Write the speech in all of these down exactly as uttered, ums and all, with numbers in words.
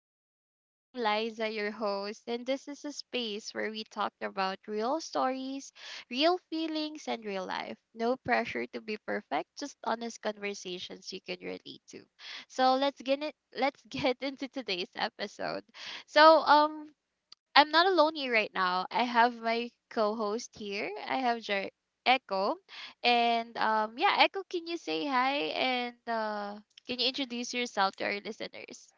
podcast. I'm Liza, your host, and this is a space where we talk about real stories, real feelings, and real life. No pressure to be perfect, just honest conversations you can relate to. So let's get it. Let's get into today's episode. So, um, I'm not alone here right now. I have my co-host here. I have Jer- Echo, and um, yeah, Echo, can you say hi and uh, can you introduce yourself to our listeners?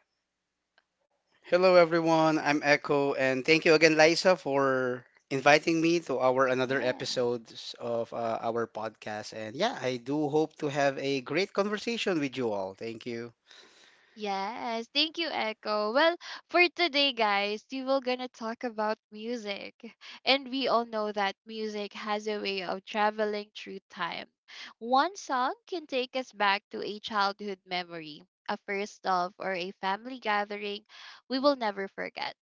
Hello everyone, I'm Echo and thank you again Liza for inviting me to our another Yeah. episodes of uh, our podcast and yeah, I do hope to have a great conversation with you all. Thank you. Yes, thank you, Echo. Well, for today, guys, we will gonna talk about music. And we all know that music has a way of traveling through time. One song can take us back to a childhood memory, a first love, or a family gathering we will never forget.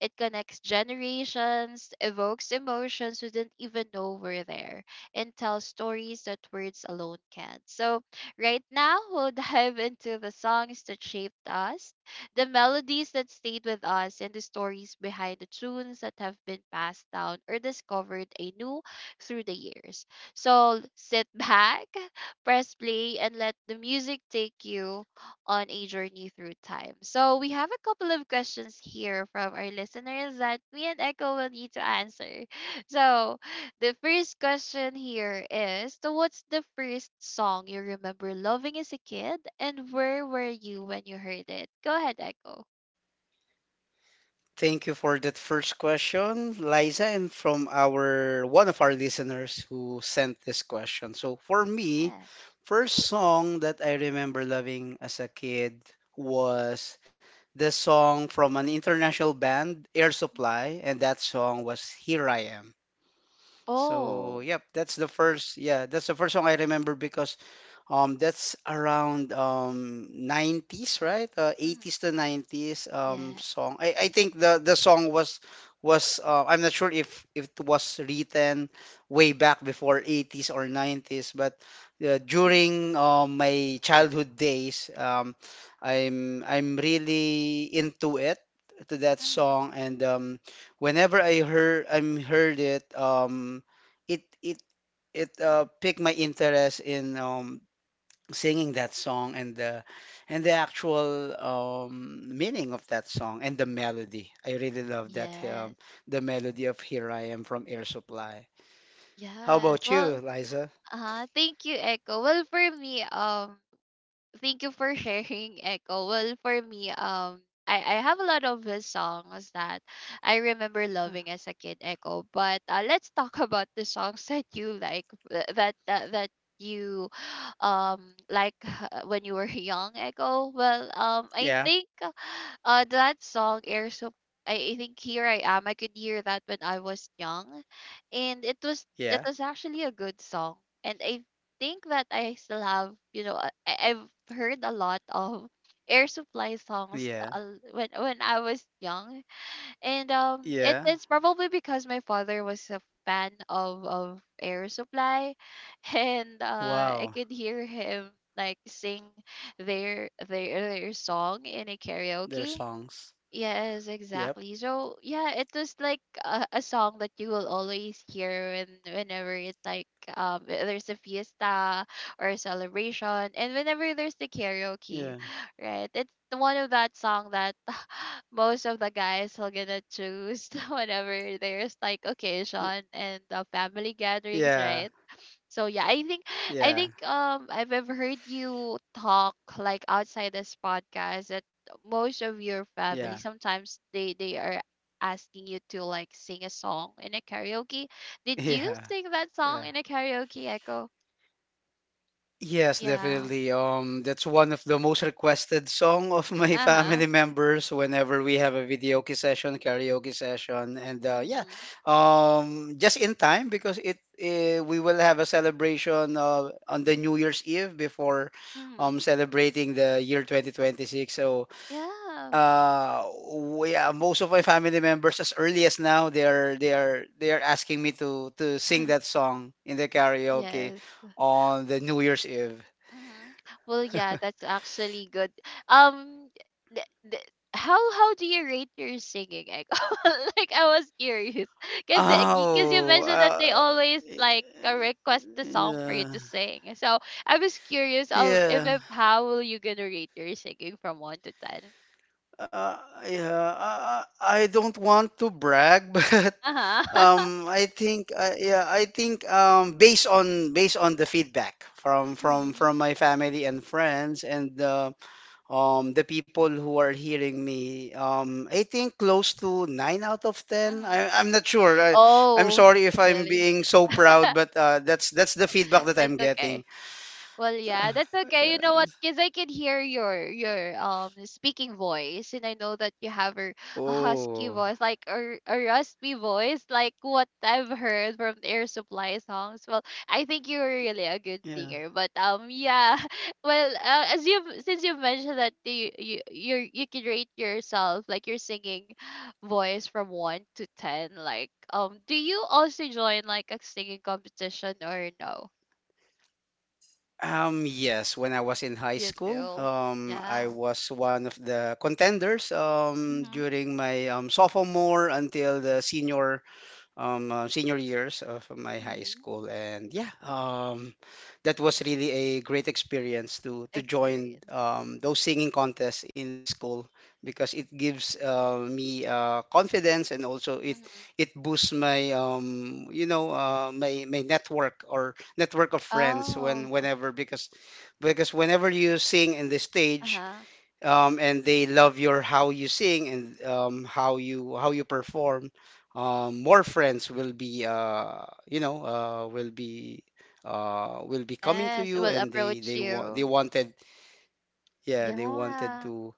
It connects generations, evokes emotions we didn't even know were there, and tells stories that words alone can. So, right now, we'll dive into the songs that shaped us, the melodies that stayed with us, and the stories behind the tunes that have been passed down or discovered anew through the years. So, sit back, press play, and let the music take you on a journey through time. So we have a couple of questions here from our listeners that me and Echo will need to answer. So the first question here is so what's the first song you remember loving as a kid and where were you when you heard it? Go ahead, Echo. Thank you for that first question, Liza, and from our one of our listeners who sent this question. So for me, Yes. first song that I remember loving as a kid was the song from an international band, Air Supply, and that song was Here I Am. So Oh. yep, that's the first yeah, that's the first song I remember because um, that's around um nineties, right? Uh, Mhm. eighties to nineties um Yes. song. I, I think the the song was was uh, I'm not sure if if it was written way back before eighties or nineties, but uh, Mhm. during uh, my childhood days, um, I'm I'm really into it to that Mhm. song, and um, whenever I heard I'm heard it, um, it it it uh, piqued my interest in um singing that song and the and the actual um, meaning of that song and the melody. I really love that Yes. um, the melody of "Here I Am" from Air Supply. How Yes. about you, Well, Liza? uh-huh. Thank you, Echo. Well, for me, um thank you for sharing, Echo. Well, for me, um I, I have a lot of his songs that I remember loving as a kid, Echo. But uh, let's talk about the songs that you like, th- that that, that you um like uh, when you were young, Echo. Well, um, I Yeah, think uh, uh, that song Air, so I, I think here I am. I could hear that when I was young, and it was it yeah, was actually a good song. And I think that I still have, you know, I, I've heard a lot of Air Supply songs yeah, uh, when when I was young, and um, it, yeah. it's probably because my father was a fan of of Air Supply, and uh, I Wow, could hear him like sing their their their song in a their karaoke. songs. Yes, Yep. exactly. So yeah, it was like a, a song that you will always hear when whenever it's like um uh, there's a fiesta or a celebration, and whenever there's the karaoke, Yeah. right? It's one of that song that most of the guys are gonna choose whenever there's like y- occasion and the family gatherings, Yeah. right? So yeah, I think I Yeah. think um I've ever heard you talk like outside this podcast that most of your Yeah. family sometimes they they are asking you to like sing a song in a karaoke. Did you Yeah. sing that song Yeah. in a karaoke, Echo? Yes, Yeah. definitely. Um, that's one of the most requested song of my Uh-huh. family members whenever we have a video session, karaoke session, and uh, yeah, Mhm. um, just in time because it uh, we will have a celebration uh, on the New Year's Eve before um Mhm. celebrating the year twenty twenty-six. So Yeah. uh, we, uh, most of my family members, as early as now, they are they are they are asking me to to sing that song in the karaoke Yes. on the New Year's Eve. Mhm. Well, yeah, that's actually good. Um, th- th- how how do you rate your singing? Like, like I was curious, cause the, cause you Oh, mentioned that they uh, always like uh, request the song for you yeah, to sing. So I was curious of if yeah, if how will you gonna rate your singing from one to ten? uh, yeah. I, I I don't want to brag, but Uh huh. um, I think, uh, yeah, I think um, based on based on the feedback from from Mhm. from my family and friends and uh, um the people who are hearing me, um, I think close to nine out of ten. Mhm. I, I'm not sure. I, I'm Oh, sorry if I'm really? being so proud, but uh, that's that's the feedback that I'm It's okay. getting. Well, yeah, that's okay. You know what? Yes. Because I can hear your your um speaking voice, and I know that you have a, a husky Oh, voice, like a, a raspy voice, like what I've heard from the Air Supply songs. Well, I think you're really a good yeah. singer, but um, yeah. Well, uh, as you have since you've mentioned that you you you you can rate yourself, like your singing voice from one to ten. Like, um, do you also join like a singing competition or no? Um, yes, when I was in high You school, do? um, I Yeah. was one of the contenders um, Mhm. during my um, sophomore until the senior um, uh, senior years of my high Mm-hmm. school, and yeah, um, that was really a great experience to to join Experience. um, those singing contests in the school because it gives uh, me uh, confidence and also it Mm-hmm. it boosts my um, you know uh, my my network or network of friends Oh. when whenever because because whenever you sing in the stage Uh-huh. um, and they love your how you sing and um, how you how you perform, um, more friends will be uh, you know uh, will be uh, will be coming to Yes, you, will and they approach they want they you. wanted yeah they wanted Yeah. to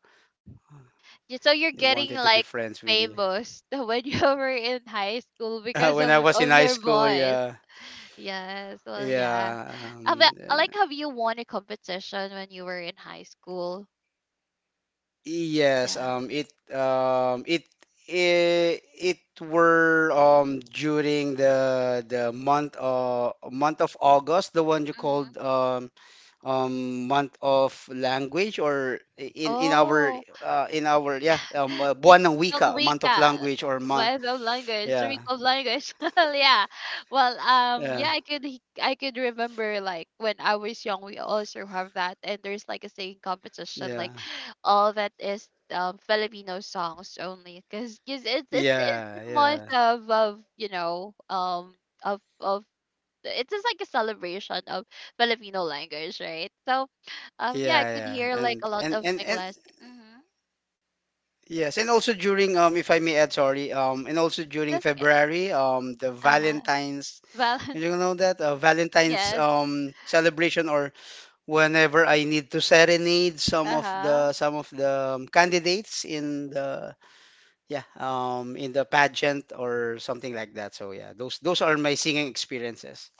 Y- So you're they wanted getting to be like friends with you. famous when you were in high school because When I of was in of high your school, voice. yeah Yes. Well, yeah. yeah Uh, but, um, uh, Like, have you won a competition when you were in high school? Yes, Yeah. um, it um, it it, it were um, during the the month uh, month of August, the one you Mm-hmm. called um, um, month of language, or in in our Oh. uh, in our yeah um, uh, buwan ng Linguang wika, month of wika. language or month Wife of language, yeah week of language. Yeah. Well, um, yeah, yeah I could he- I could remember like when I was young, we also have that, and there's like a singing competition, yeah like all that is um Filipino songs only, because it's it's it's yeah a month yeah of of you know um of of it's just like a celebration of Filipino language, right? So, um, yeah, I yeah could yeah hear like a and lot and of my and and classmates. Mm-hmm. Yes, and also during um if I may add, sorry, um and also during That's okay. February, um the Uh huh. Valentine's Valentine's. you know that uh, Valentine's Yes. um celebration or whenever I need to serenade some Uh of huh. the some of the um, candidates in the yeah um in the pageant or something like that. So yeah, those those are my singing experiences.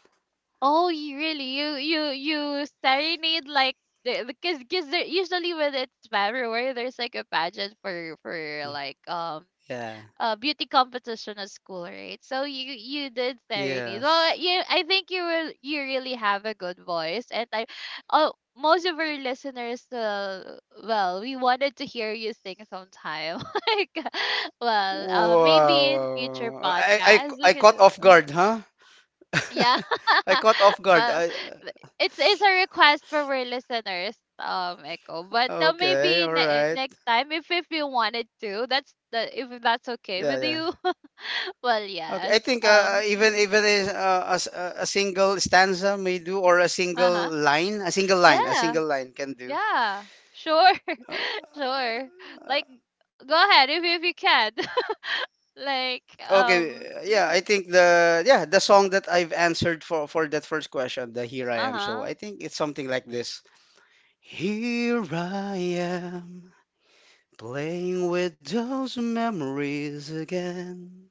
Oh, you really you you you serenade like the because because there usually when it's February there's like a pageant for for like um Yeah. a beauty competition at school, right? So you you did serenade. Well, Yes. you I think you will you really have a good voice, and I oh most of our listeners uh, well we wanted to hear you sing sometime like well uh, Wow. maybe in Wow, future wow. I I podcasts we I could caught do. off Oh. guard, huh? Yeah. I caught off guard. Well, I th- it's it's a request for our listeners, um, Echo. But uh, Okay, maybe all ne- right. next time, if if you wanted to, that's the if that's okay Yeah, with yeah. you. Well, Okay, I yes. think uh, uh, Um. even even is, uh, a, s- a a single stanza may do, or a Uh single huh. line, a single line, a Yeah. single line can do. Yeah. Sure. Uh, Sure. Like, go ahead if if you can. Like, um. okay, yeah, Hmm. I think the yeah the song that I've answered for for that first question, the "Here I Uh Am," so huh. I think it's something like this. Here I am, playing with those memories again.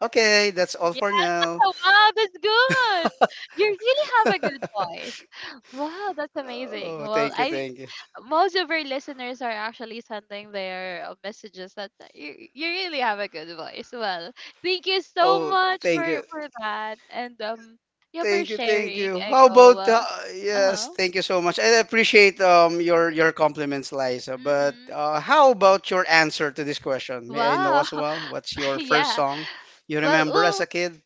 Okay, that's all for now. Oh, wow, that's good. You really have a good voice. Wow, that's amazing. Oh, Well, thank you, I thank you. most of our listeners are actually sending their uh, messages that uh, you, you really have a good voice. Well, thank you so Oh, much thank you. for for that and um yeah for Thank you, thank sharing, you. How Echo. about uh, Well, uh yes, huh. thank you so much. I appreciate um your your compliments, Liza. But Mhm. uh, how about your answer to this question? May I know Wow. as well? What's your first Yeah. song you Well, remember as well, a kid?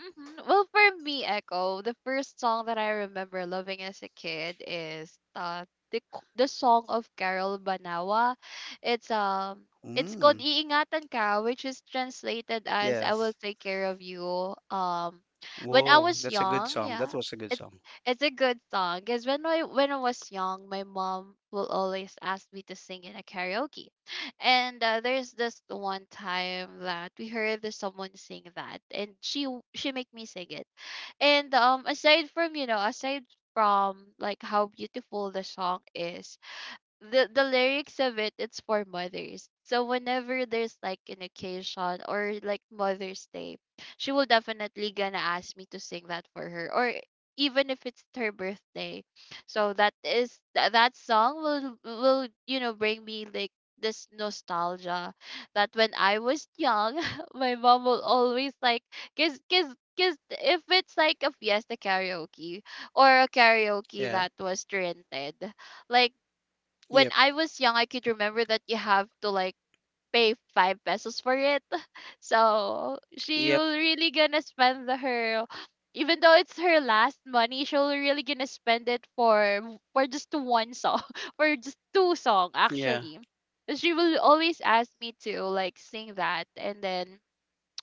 mhm. Well, for me, Echo, the first song that I remember loving as a kid is uh the k- the song of Carol Banawa. It's um it's Mm, called Iingatan Ka, which is translated as I will yes. take care of you. Um when I Whoa, was that's a good young, song. That yeah. was a good It's song. it's a good song because when I when I was young, my mom will always ask me to sing in a karaoke. And uh, there's this one time that we heard this someone sing that, and she w- she make me sing it. And um, aside from you know, aside from like how beautiful the song is, the the lyrics of it, it's for mothers, so whenever there's like an occasion or like Mother's Day, she will definitely gonna ask me to sing that for her or even if it's her birthday. So that is tha- that song will will you know bring me like this nostalgia that when I was young my mom will always like cause cause cause if it's like a fiesta karaoke or a karaoke Yeah. that was rented, like when Yep. I was young, I could remember that you have to like pay five pesos for it. So she Yep. will really gonna spend the- her, even though it's her last money, she'll really gonna spend it for for just one song, for just two song Yeah. actually. She will always ask me to like sing that, and then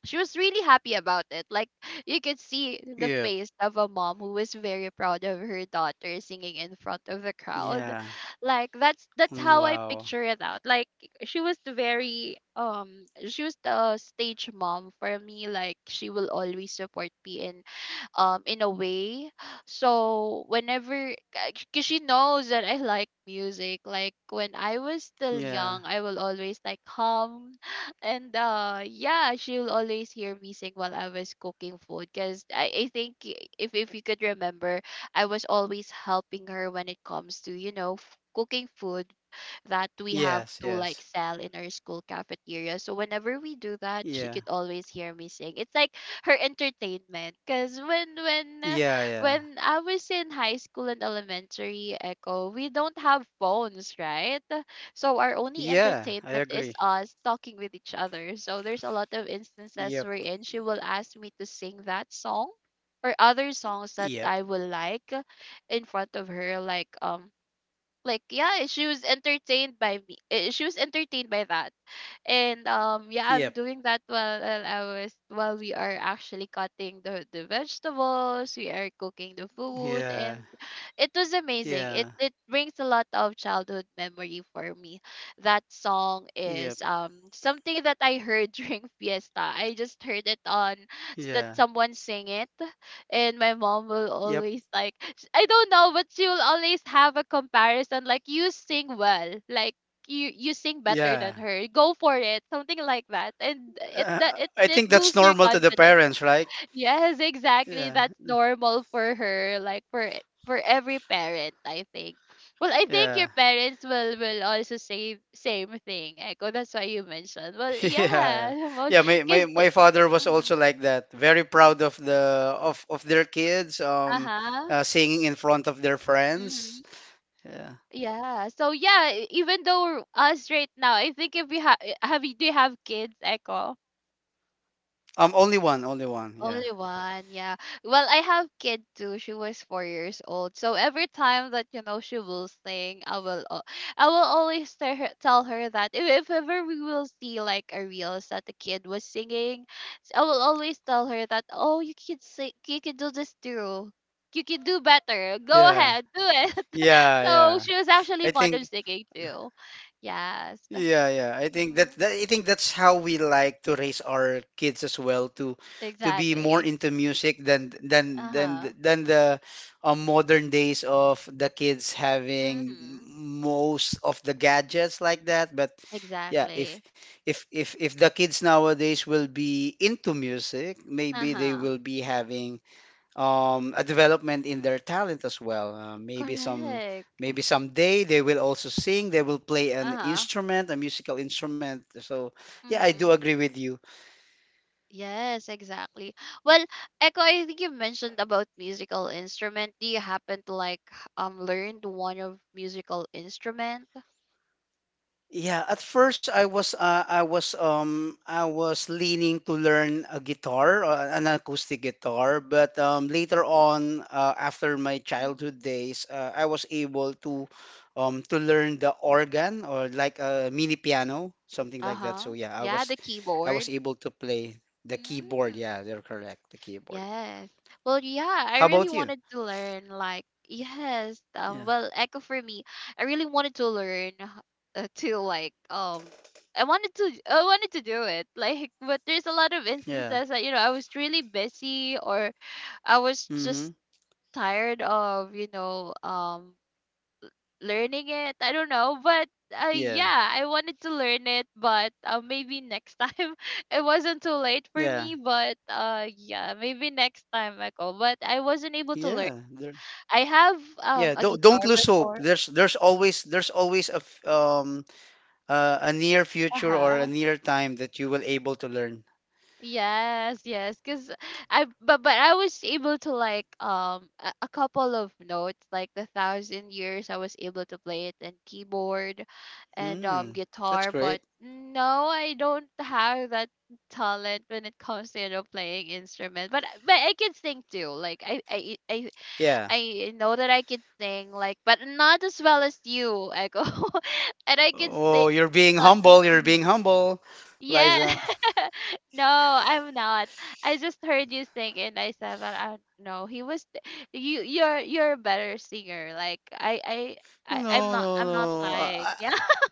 she was really happy about it. Like you could see the Yep. face of a mom who was very proud of her daughter singing in front of the crowd. Yeah. Like that's that's Mm, how I wow. picture it out. Like she was the very um she was the stage mom for me. Like she will always support me in um in a way. So whenever, because she knows that I like music. Like when I was still Yeah. young, I will always like hum, and uh yeah she'll always hear me sing while I was cooking food because I, I think i- if, if you could remember, I was always helping her when it comes to you know f- cooking food that we have Yes, to like yes. sell in our school cafeteria, so whenever we do that she Yeah. could always hear me sing. It's like her entertainment because when when uh, Yeah, yeah. when I was in high school and elementary, Echo, we don't have phones, right? So our only Yeah, I entertainment is agree. us talking with each other. So there's a lot of Yep. instances wherein she will ask me to sing that song or other songs that Yep. I will like in front of her. Like um like yeah, she was entertained by me. eh, She was entertained by that. And um yeah, Yep. I'm doing that while, while I was while we are actually cutting the the vegetables. We are cooking the food, Yeah. and it was amazing. Yeah. It it brings a lot of childhood memory for me. That song Yep. is um something that I heard during fiesta. I just heard it on s- that Yeah. someone sing it. And my mom will Yep. always like sh- I don't know, but she will always have a comparison like you sing well, like you you sing better Yeah. than her, go for it, something like that. And it that Uh, it, I it think that's boosts your normal to the confidence. parents, right? Yes, exactly, Yeah. that's normal for her, like for e- for every parent, I think. Well, I think Yeah. your parents will will also say same thing, Echo. That's why you mentioned. Well, yeah, Yeah. most Yeah, my, my because. my father was also Mm-hmm, like that. Very proud of the of of their kids um uh-huh, uh, singing in front of their friends. mm-hmm. Yeah. Yeah. So yeah, e- even though us right now, I think, if we have have you do you have kids, Echo? Um only one, only one. Yeah. Only one, yeah. Well, I have kid too. She was four years old. So every time that you know she will sing, I will, al- I will always tell her, tell her, that if, if ever we will see like a reels that the kid was singing, s- I will always tell her that, oh, you can sing, you can do this too. You can do better. Go Yeah. ahead, do it. Yeah, So yeah. she was actually I fond of think singing too. Yes. Yeah, yeah. I think Hmm. that, that I think that's how we like to raise our kids as well to to be more Exactly. into music than than Uh than huh. than the uh, modern days of the kids having Mm-hmm. most of the gadgets like that. But yeah, if Exactly. if if if the kids nowadays will be into music, maybe they Uh-huh. will be having um, a development in their talent as well. Uh, maybe some Correct. maybe someday they will also sing, they will play an Uh-huh. instrument, a musical instrument. So yeah, I do Mm-hmm. agree with you. Yes, exactly. Well, Echo, I think you mentioned about musical instrument. Do you happen to like h- um learned one of musical instrument? Yeah, at first I was uh, I was um I was leaning to learn a guitar, uh, an acoustic guitar, but um, later on uh, after my childhood Mhm. days, uh, I was able to um to learn the organ or like a mini piano, something like that. So Uh-huh. yeah, I Yeah, was the I was keyboard. able to play the keyboard. Mm. Yeah, they're correct, the keyboard. Yes. Well, yeah, I How really about you? wanted to learn, like, yes, um Yeah. well, Echo, for me, I really wanted to learn, uh, to like um I wanted to I wanted to do it. Like but there's a lot of Yeah. instances that you know, I was really busy, or I was Mm-hmm. just tired of, you know, um learning it. I don't know, but uh, Yeah. yeah, I wanted to learn it, but uh, maybe next time. It wasn't too late for Yeah. me. But uh, yeah, maybe next time, Michael. But I wasn't able to learn. Yeah. They're I have um Yeah, a don't don't guitar lose hope. before. There's there's always there's always a f- um uh, a near Uh future or a huh. near time that you will able to learn. Yes, yes, because I but but I was able to like um a, a couple of notes, like the Thousand Years. I was able to play it and keyboard and um Hmm, that's guitar, great. but no, I don't have that talent when it comes to you know playing instrument. But I- but I can sing too. Like I I I Yeah. I know that I can sing, like, but not as well as you, Echo. And I can sing Oh, you're being not humble. You're as- being humble, yes. Liza. No, I'm not. I just heard you sing, and I said that I no, he was th- you you're you're a better singer. Like I I, I I'm No, not no, I'm not no. lying. I, Yeah.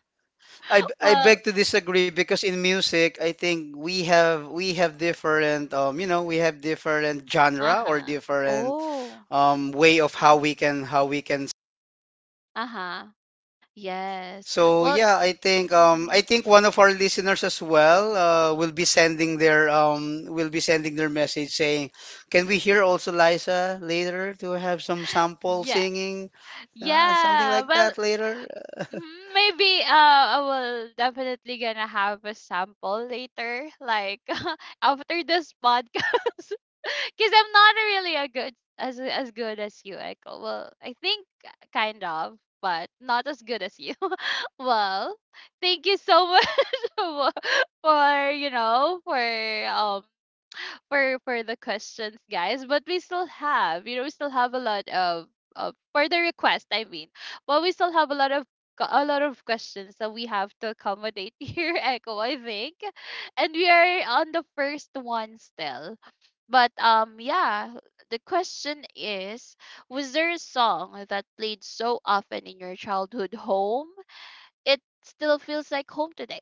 I I Well, beg to disagree because in music, I think we have we have different um you know we have different genre or uh-huh. different Oh, um way of how we can how we can uh-huh. Yes. So Well, yeah, I think um mhm. I think one of our listeners as well uh, will be sending their um will be sending their message saying, "Can we hear also Liza later to have some sample Yeah. singing, uh, something Yeah. like Well, that later?" mhm, maybe uh I will definitely gonna have a sample later, like, after this podcast, because I'm not really a good as as good as you, Echo. Well, I think, kind of, but not as good as you. Well, thank you so much for for you know for um for for the questions, guys. But we still have, you know, we still have a lot of of for the request. I mean, but we still have a lot of co- a lot of questions that we have to accommodate here, Echo. I think, and we are on the first one still. But um, yeah. The question is, was there a song that played so often in your childhood home? It still feels like home today.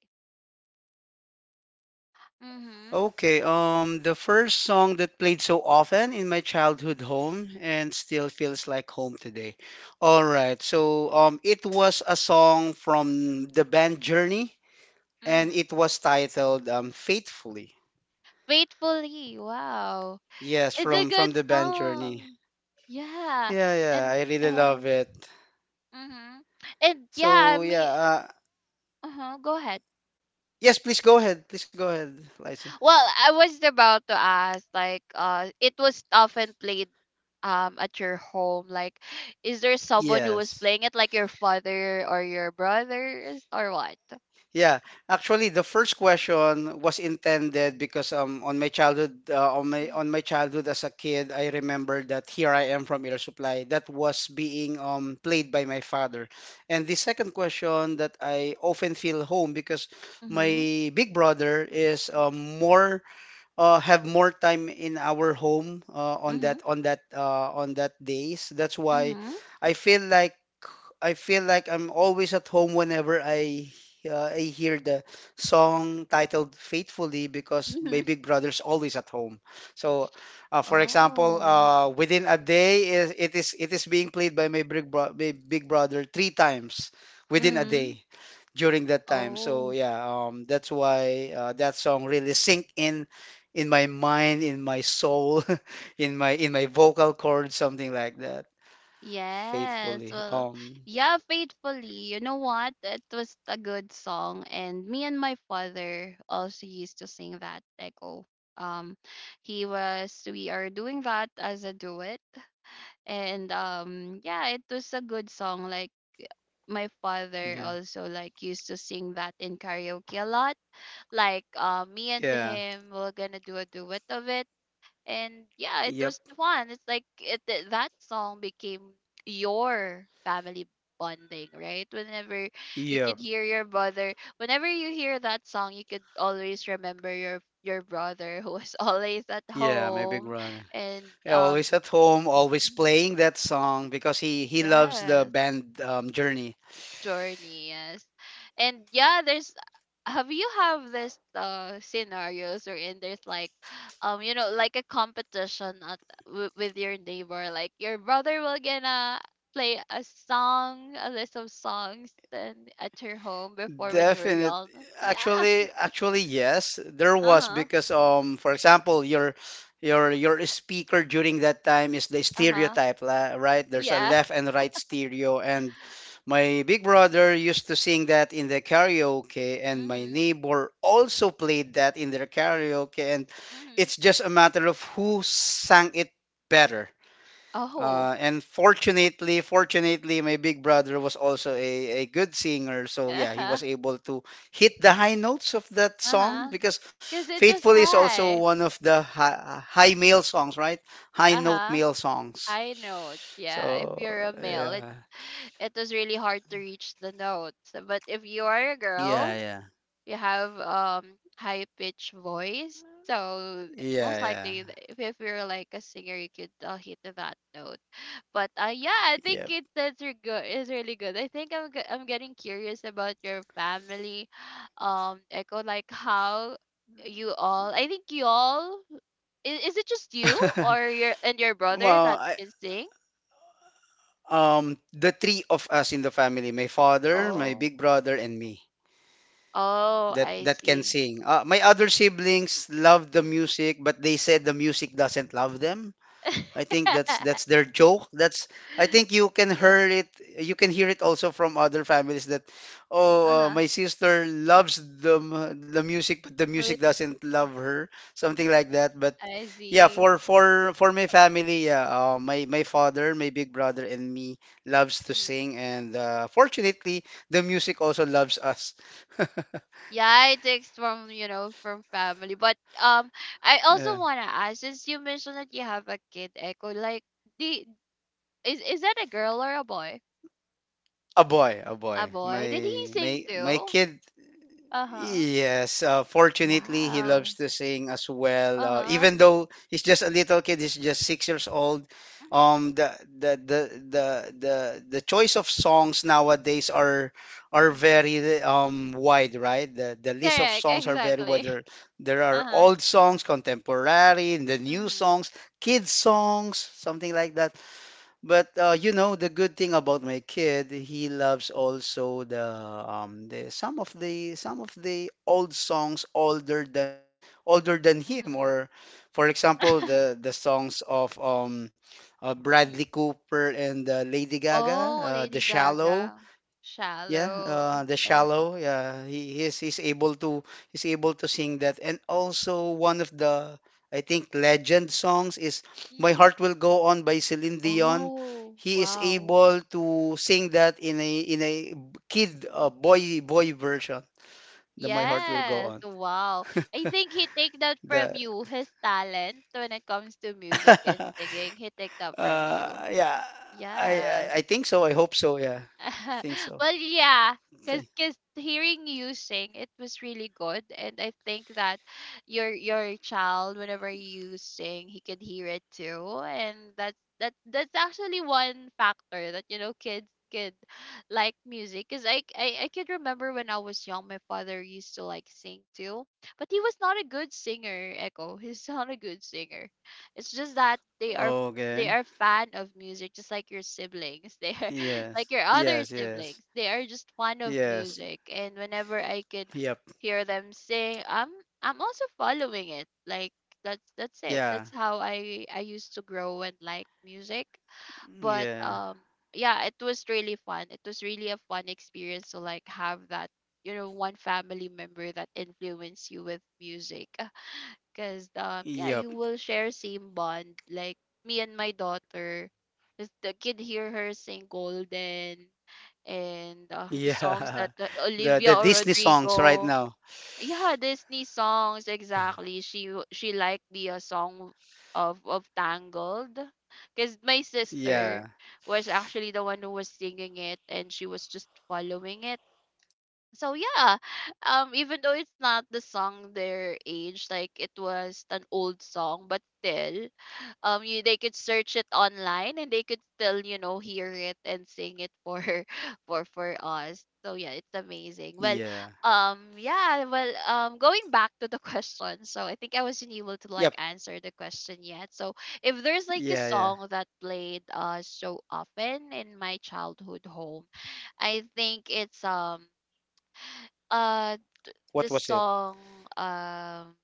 Mm-hmm. Okay, um the first song that played so often in my childhood home and still feels like home today. All right. So um it was a song from the band Journey and it Mm-hmm. was titled um Faithfully. Faithfully. Wow. Yes, It's a from from good the band Journey. song. Yeah. Yeah, yeah, I And really uh, love it. mhm. And yeah, I So mean, yeah, uh, uh-huh, go ahead. yes, please go ahead. Please go ahead, Liza. Well, I was about to ask, like, uh, it was often played um at your home. Like, is there someone who was Yes. playing it, like your father or your brothers or what? Yeah, actually, the first question was intended because um on my childhood uh, on my Mm-hmm. on my childhood as a kid, I remember that Here I Am from Air Supply that was being um played by my father. And the second question that I often feel home because Mm-hmm. my big brother is um, more uh, have more time in our home uh, on Mm-hmm. that on that uh, on that days. That's why I feel like I feel like I'm always at home whenever I uh, I hear the song titled Faithfully because my Mm-hmm. big brother's always at home. So, uh, for example, Oh. uh, within a day is it is it is being played by my big bro my big brother three times within a Mm. day during that time. So Oh. yeah, um, that's why uh, that song really sink in in my mind, in my soul, in my in my vocal cords, something like that. Yes, Faithfully. well, Um, yeah, faithfully. You know what? It was a good song, and me and my father also used to sing that, Echo. Um, he was we are doing that as a duet, and um, yeah, it was a good song. Like my father yeah. also like used to sing that in karaoke a lot. Like, uh, me and Yeah. him, we're gonna do a duet of it, and yeah, it Yep. was fun. It's like it, th- that song became your family bonding, right? Whenever you could Yep. hear your brother, whenever you hear that song, you could always remember your your brother who was always at Yeah, my big home. brother. And Yeah, um always at home, always mhm, playing that song because he he loves the yes. band um, Journey. Journey, yes. And yeah, there's have you have this uh scenarios, or in there's like um you know like a competition at, w- with your neighbor, like your brother will gonna play a song, a list of songs then at your home before when you were Definite. young. Yeah. Actually, actually, yes, there was Uh-huh. because um, for example, your your your speaker during that time is the Uh-huh. stereotype, la- right? There's a Yeah. left and right stereo, and my big brother used to sing that in the karaoke, and my Mm-hmm. neighbor also played that in their karaoke, and Mm-hmm. it's just a matter of who sang it better Oh. uh, and fortunately, fortunately, my big brother was also a, a good singer. So yeah, he Uh-huh. was able to hit the high notes of that song Uh-huh. because Because it Faithful was is also high. one of the high, high male songs, right? High note Uh-huh. male songs. High note. Yeah, if So you're a male, it's yeah, it was really hard to reach the notes. But if you are a yeah, girl, yeah, you have um high pitch voice. So most yeah, likely, th- if, if you're like a singer, you could uh, hit that note. But uh, yeah, I yeah, think it's that's re- good. It's really good. I think I'm ge- I'm getting curious about your family. um, Echo, like how you all. I think you all. Is, is it just you, yep. or your and your brother Well, that I, can sing? um, the three of us in the family, my father, my Oh. big brother, and me Oh, that I that can see. sing. Uh, my other siblings love the Mhm. music, but they said the music doesn't love them. I think that's that's their joke. That's I think you can Yeah. hear it. You can hear it also from other families that, oh, uh, Uh-huh. my sister loves the m- the music, but the With, like, music doesn't uh, love her. Something like that. But I yeah, see. for for for my family, yeah, uh, my my father, my big brother, and me loves to Mhm. sing, and uh, fortunately, the music also loves us. Yeah, I text from, you know, from family. But um I Uh, also wanna ask, since you mentioned that you have a kid, Echo, like the is is that a girl or a boy? A boy, a A boy. boy. Did he My sing my my too? kid, Uh-huh. yes. Uh, fortunately, he Wow. loves to sing as well. Uh, Uh-huh. Even though he's just a little kid, he's just six years old. Mm-hmm. Um, the the the the the the choice of songs nowadays are are Mm-hmm. very um wide, right? The the list of Correct, songs are very wide. exactly. There, there are Uh-huh. old songs, contemporary, and the new Mm-hmm. songs, kids songs, something like that. But uh, you know, the good thing about my kid, he loves also the um the some of the some of the old songs older than older than him, Mm-hmm. or for example, the the songs of um uh, Bradley Cooper and uh, Lady Gaga, Oh, uh, The Lady Shallow. Gaga. Yeah, uh, Shallow the and shallow. Yeah, he he's, he's able to he's able to sing that. And also one of the I think legend songs is "My mhm. Heart Will Go On" by Celine Dion. Oh, He is wow. able to sing that in a in a kid uh, boy boy version. The "My Heart Will Go Yes, On." wow. I think he take that The from you, his talent when it comes to music and uh, singing. He take that from you. yeah, I, I Yes. I think so. I hope so. Yeah, I think so. Well, yeah, because Th- cause hearing you sing, it was really good, and I think that your your child, whenever you sing, he can hear it too, and that's that that's actually one factor that you know kids could like music. Because I, I i could remember when I was young, my father used to like sing too, but he was not a good singer, Echo. He's not a good singer. It's just that they are they Okay. are fan of music, just like your siblings. They are like Yes. your other Yes. Yes. siblings, they are just fan of Yes. music, and whenever I could Yep. hear them sing, i'm i'm also following it, like, that's that's it. Yeah. That's how i i used to grow and like music. But Yeah. um yeah, it was really fun. It was really a fun experience to like have that, you know one family member that influenced you with music. Because um yeah, you Yep. will share same bond, like me and my daughter, 'cause the kid hear her sing golden and uh, the songs Yeah. that the The olivia the or Disney songs right Rodrigo. now. Yeah, Disney songs, exactly. She w- she liked the uh, song of of Tangled, because my sister Yeah. was actually the one who was singing it, and she was just following it. So yeah, um even though it's not the song their age, like it was an old song, but still, um you, they could search it online, and they could still you know hear it and sing it for for for us. So yeah, it's amazing. Well, Yeah. um yeah. Well, um going back to the question, so I think I wasn't able to like Yep. answer the question yet. So if there's like a Yeah, yeah. song that played uh so often in my childhood home, I think it's um uh the What was it? song. um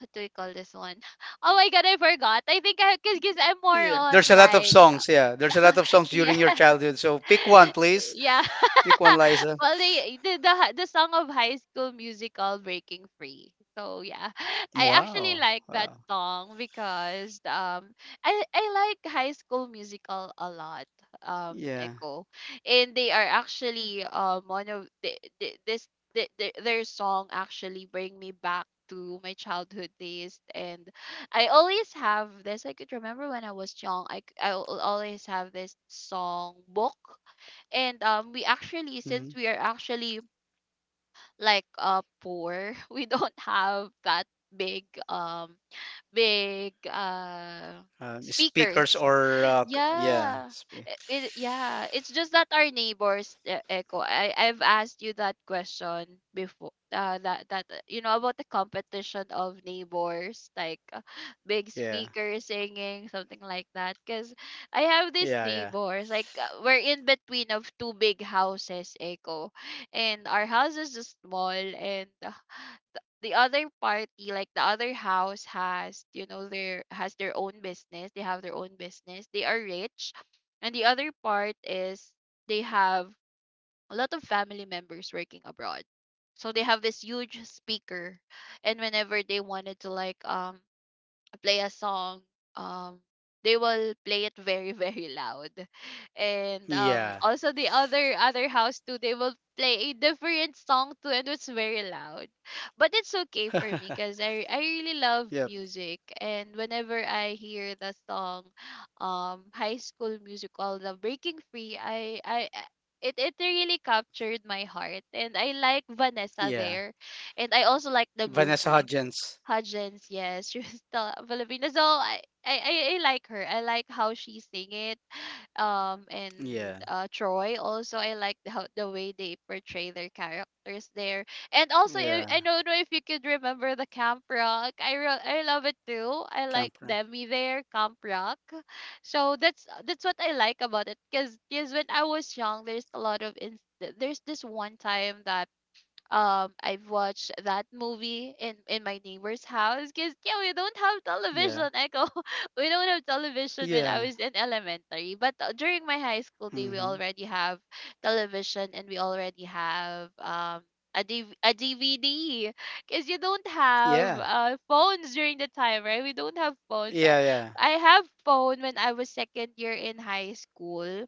what do we call this one? Oh my god, I forgot. I think I because I'm more Yeah. on There's a lot of like songs. Yeah. There's a lot of songs yeah. during your childhood. So pick one, please. Yeah. Pick one, Liza. Well, they the, the hi- the song of High School Musical, "Breaking Free." So yeah, I actually Wow. like that Wow. song because um I I like High School Musical a lot. Um, Yeah. Echo, and they are actually um one of the, the, this the, the, their song actually bring me back to my childhood days. And I always have this. I could remember when I was young. I c- I al- always have this song book. And um we actually, Hmm. since we are actually like uh poor, we don't have that big um big uh Um, speakers speakers, or uh, c- yeah. yeah. Spe I- It, yeah, it's just that our neighbors, uh, Echo. I I've asked you that question before. Uh, that that uh, you know about the competition of neighbors, like uh, big yeah. speaker singing something like that. Cause I have these Yeah, yeah. neighbors, like uh, we're in between of two big houses, Echo, and our house is just small, and uh, the other party like the other house has you know their has their own business they have their own business They are rich, and the other part is they have a lot of family members working abroad, so they have this huge speaker. And whenever they wanted to like um play a song, um, they will play it very very loud, and um, Yeah. also the other other house too, they will play a different song too, and it's very loud. But it's okay for me because I I really love Yep. music, and whenever I hear the song, um, High School Musical, the Breaking Free, I I. I- It, it really captured my heart, and I like Vanessa Yeah. there, and I also like the Vanessa movie. Hudgens. Hudgens, yes, she was still a Filipina. So I, I, I I like her. I like how she sing it. Um, and Yeah. uh, Troy also. I like the- how the way they portray their characters there. And also, I, Yeah. I don't know if you could remember the Camp Rock. I re- I love it too. I like Camp Rock. Demi there, Camp Rock. So that's that's what I like about it. Cause, 'cause when I was young, there's a lot of ins- there's this one time that um I've watched that movie in in my neighbor's house because yeah, we don't have Yeah. television, echo. We don't have television when I Yeah. was in elementary, but uh, during my high school day we Hmm. already have television, and we already have um a, DV- a D V D, because you don't have Yeah. uh, phones during the time, right? We don't have phones I, Yeah. Yeah. I have phone when I was second year in high school.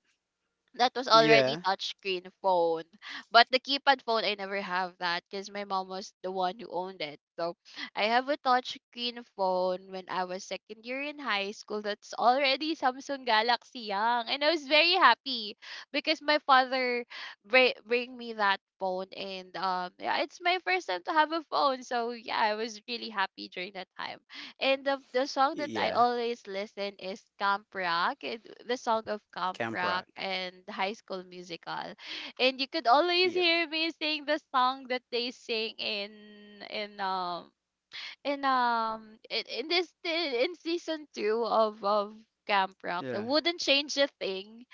That was already Yeah. touchscreen phone. But the keypad phone, I never have that because my mom was the one who owned it. So I have a touchscreen phone when I was second year in high school. That's already Samsung Galaxy Young, and I was very happy because my father br- bring me that phone, and um, yeah, it's my first time to have a phone. So yeah, I was really happy during that time. And the, the song that I Yeah. always listen is Camp Rock, and the song of Camp Camp Rock Rock. and High School Musical. And you could always Yep. hear me sing the song that they sing in in um in um in, in this in season two of of Camp Rock. That Yeah. wouldn't change a thing.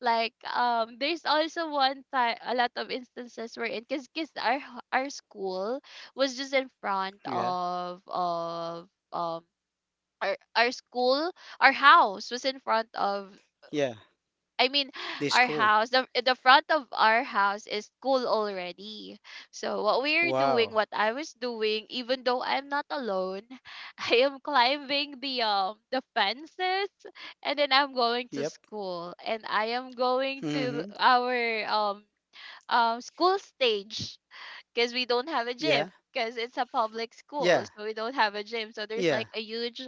Like um there's also one time, a lot of instances where in cuz cuz our our school was just in front Yeah. of of um our our school, our house was in front of, Yeah. I mean, This our cool. house, the the front of our house is school already. So what we're doing, Wow. what I was doing, even though I'm not alone, I am climbing the um the fences, and then I'm going to Yep. school, and I am going to Mm-hmm. our um um school stage, because we don't have a gym. Yeah. Because it's a public school, Yeah. so we don't have a gym, so there's Yeah. like a huge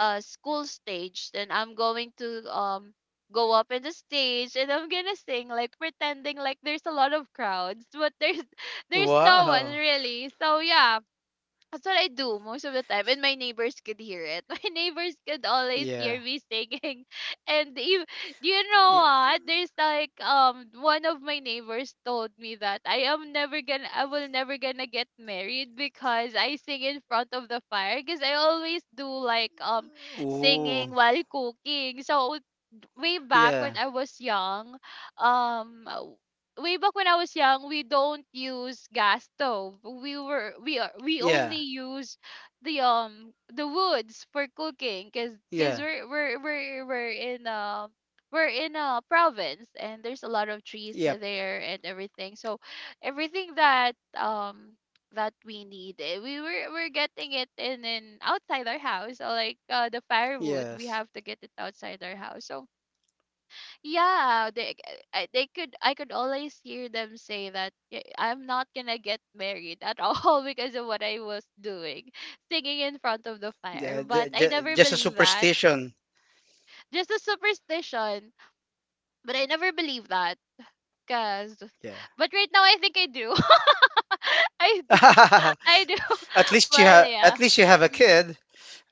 uh school stage. Then I'm going to um go up in the stage, and I'm gonna sing, like pretending like there's a lot of crowds, but there's there's no one Wow. really. So yeah, that's what I do most of the time, and my neighbors could hear it. My neighbors could always Yeah. hear me singing, and you, you know Y- what? There's like um one of my neighbors told me that I am never gonna, I will never gonna get married because I sing in front of the fire, because I always do like um singing Ooh. while cooking. So way back Yeah. when I was young, um, w- way back when I was young, we don't use gas stove. We were we are we Yeah. only use the um the woods for cooking, cause cause Yeah. we're we're we're we're in um we're in a province, and there's a lot of trees Yep. there and everything. So everything that um that we need eh, we were we're getting it in in outside our house, uh, like uh, the firewood, we Yes. have to get it outside our house. So yeah, they I- they could I could always hear them say that, "Yeah, I'm not gonna get married at all," because of what I was doing, singing in front of the fire. The, But the, I ju- never just a believe that. superstition. Just a superstition. But I never believe that. Cause, Yeah. but right now I think I do. I do. I do. At least you have. Well, At yeah. least you have a kid.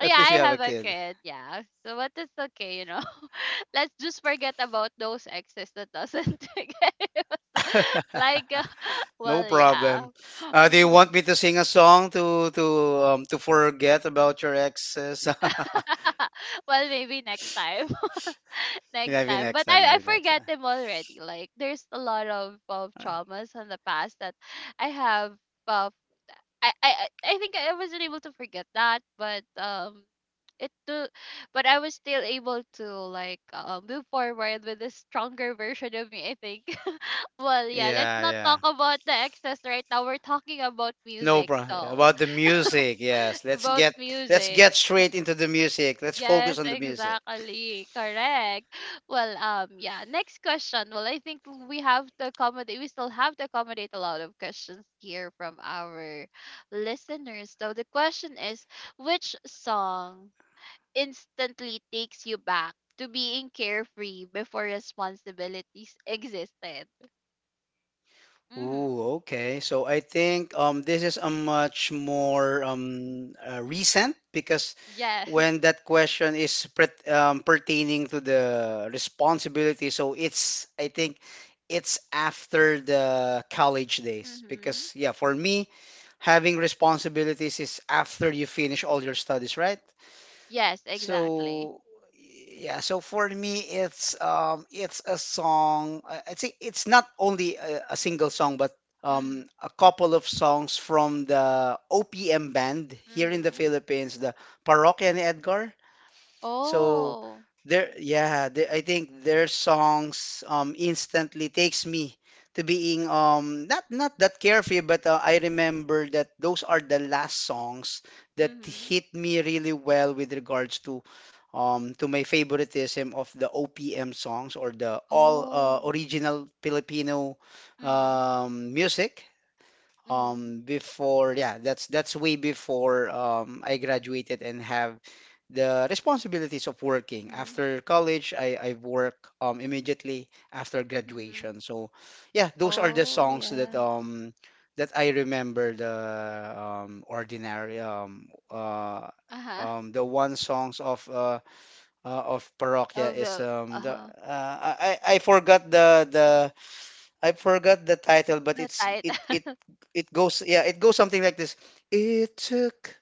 Oh, yeah, least I you have a have a kid. kid. Yeah. So what is okay, you know? Let's just forget about those exes that doesn't take care of us. Like uh, No well, yeah. problem. Uh, do you Hmm. want me to sing a song to to um to forget about your exes? Well, maybe next time. Next Maybe time. next But time. I I Maybe next forget time. them already. Like there's a lot of of Alright. traumas in the past that I have, uh, I I I I think I wasn't able to forget that, but um, it do, but I was still able to like uh, move forward with a stronger version of me, I think. Well, yeah. Let's Yeah, not talk yeah. about the excess right now. We're talking about No music, problem. so About the music, yes. Let's about get let's music. get straight into the music. Let's Yes, focus on the music. exactly. Correct. Well, um, yeah. Next question. Well, I think we have to accommodate. We still have to accommodate a lot of questions here from our listeners. So the question is, which song instantly takes you back to being carefree before responsibilities existed? Ooh, Mm-hmm. okay. So I think um this is a much more um uh, recent because Yes. when that question is pret um, pertaining to the responsibility, so it's I think it's after the college days Mm-hmm. because yeah, for me having responsibilities is after you finish all your studies, right? Yes, exactly. So yeah, so for me it's um it's a song. I I think it's not only a, a single song, but Mm-hmm. um a couple of songs from the O P M band here in the Mm-hmm. Philippines, the Parokya ni Edgar. So Oh. there, yeah, the I think their songs um instantly takes me to being um not not that carefree, but uh, I remember that those are the last songs that Mm-hmm. hit me really well with regards to um to my favoritism of the O P M songs or the all uh, Oh. original Filipino um music Mhm, um before yeah that's that's way before um I graduated and have the responsibilities of working mhm, after college I I work um immediately after mhm. graduation so yeah those are the Oh, songs that yeah. um that I remember the um ordinary um uh Uh-huh. um the one songs of uh, uh of Parokya Oh, is well, um the uh-huh. uh, I I I forgot the the I forgot the title, but The it's tight. it it it goes yeah, it goes something like this. It took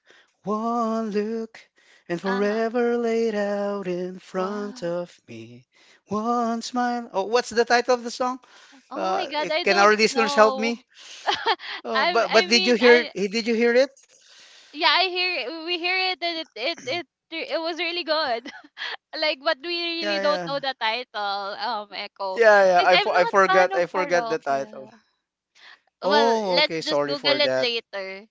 one look and Uh-huh. forever laid out in front Wow. of me. One smile. Oh, what's the title of the song? Oh my Uh, God, it, I can don't our listeners help me? know. Oh, I but I but did you mean hear I eh, did you hear it? yeah, I hear it, we hear it, and it it it re- it was really good. Like, but we Yeah, really don't yeah. know the title, um, Echo, Yeah, yeah. because I, I'm fo- I not fan forgot of I forgot the title. Parokya. Well, Oh, let's okay. just Sorry Google for it that. later.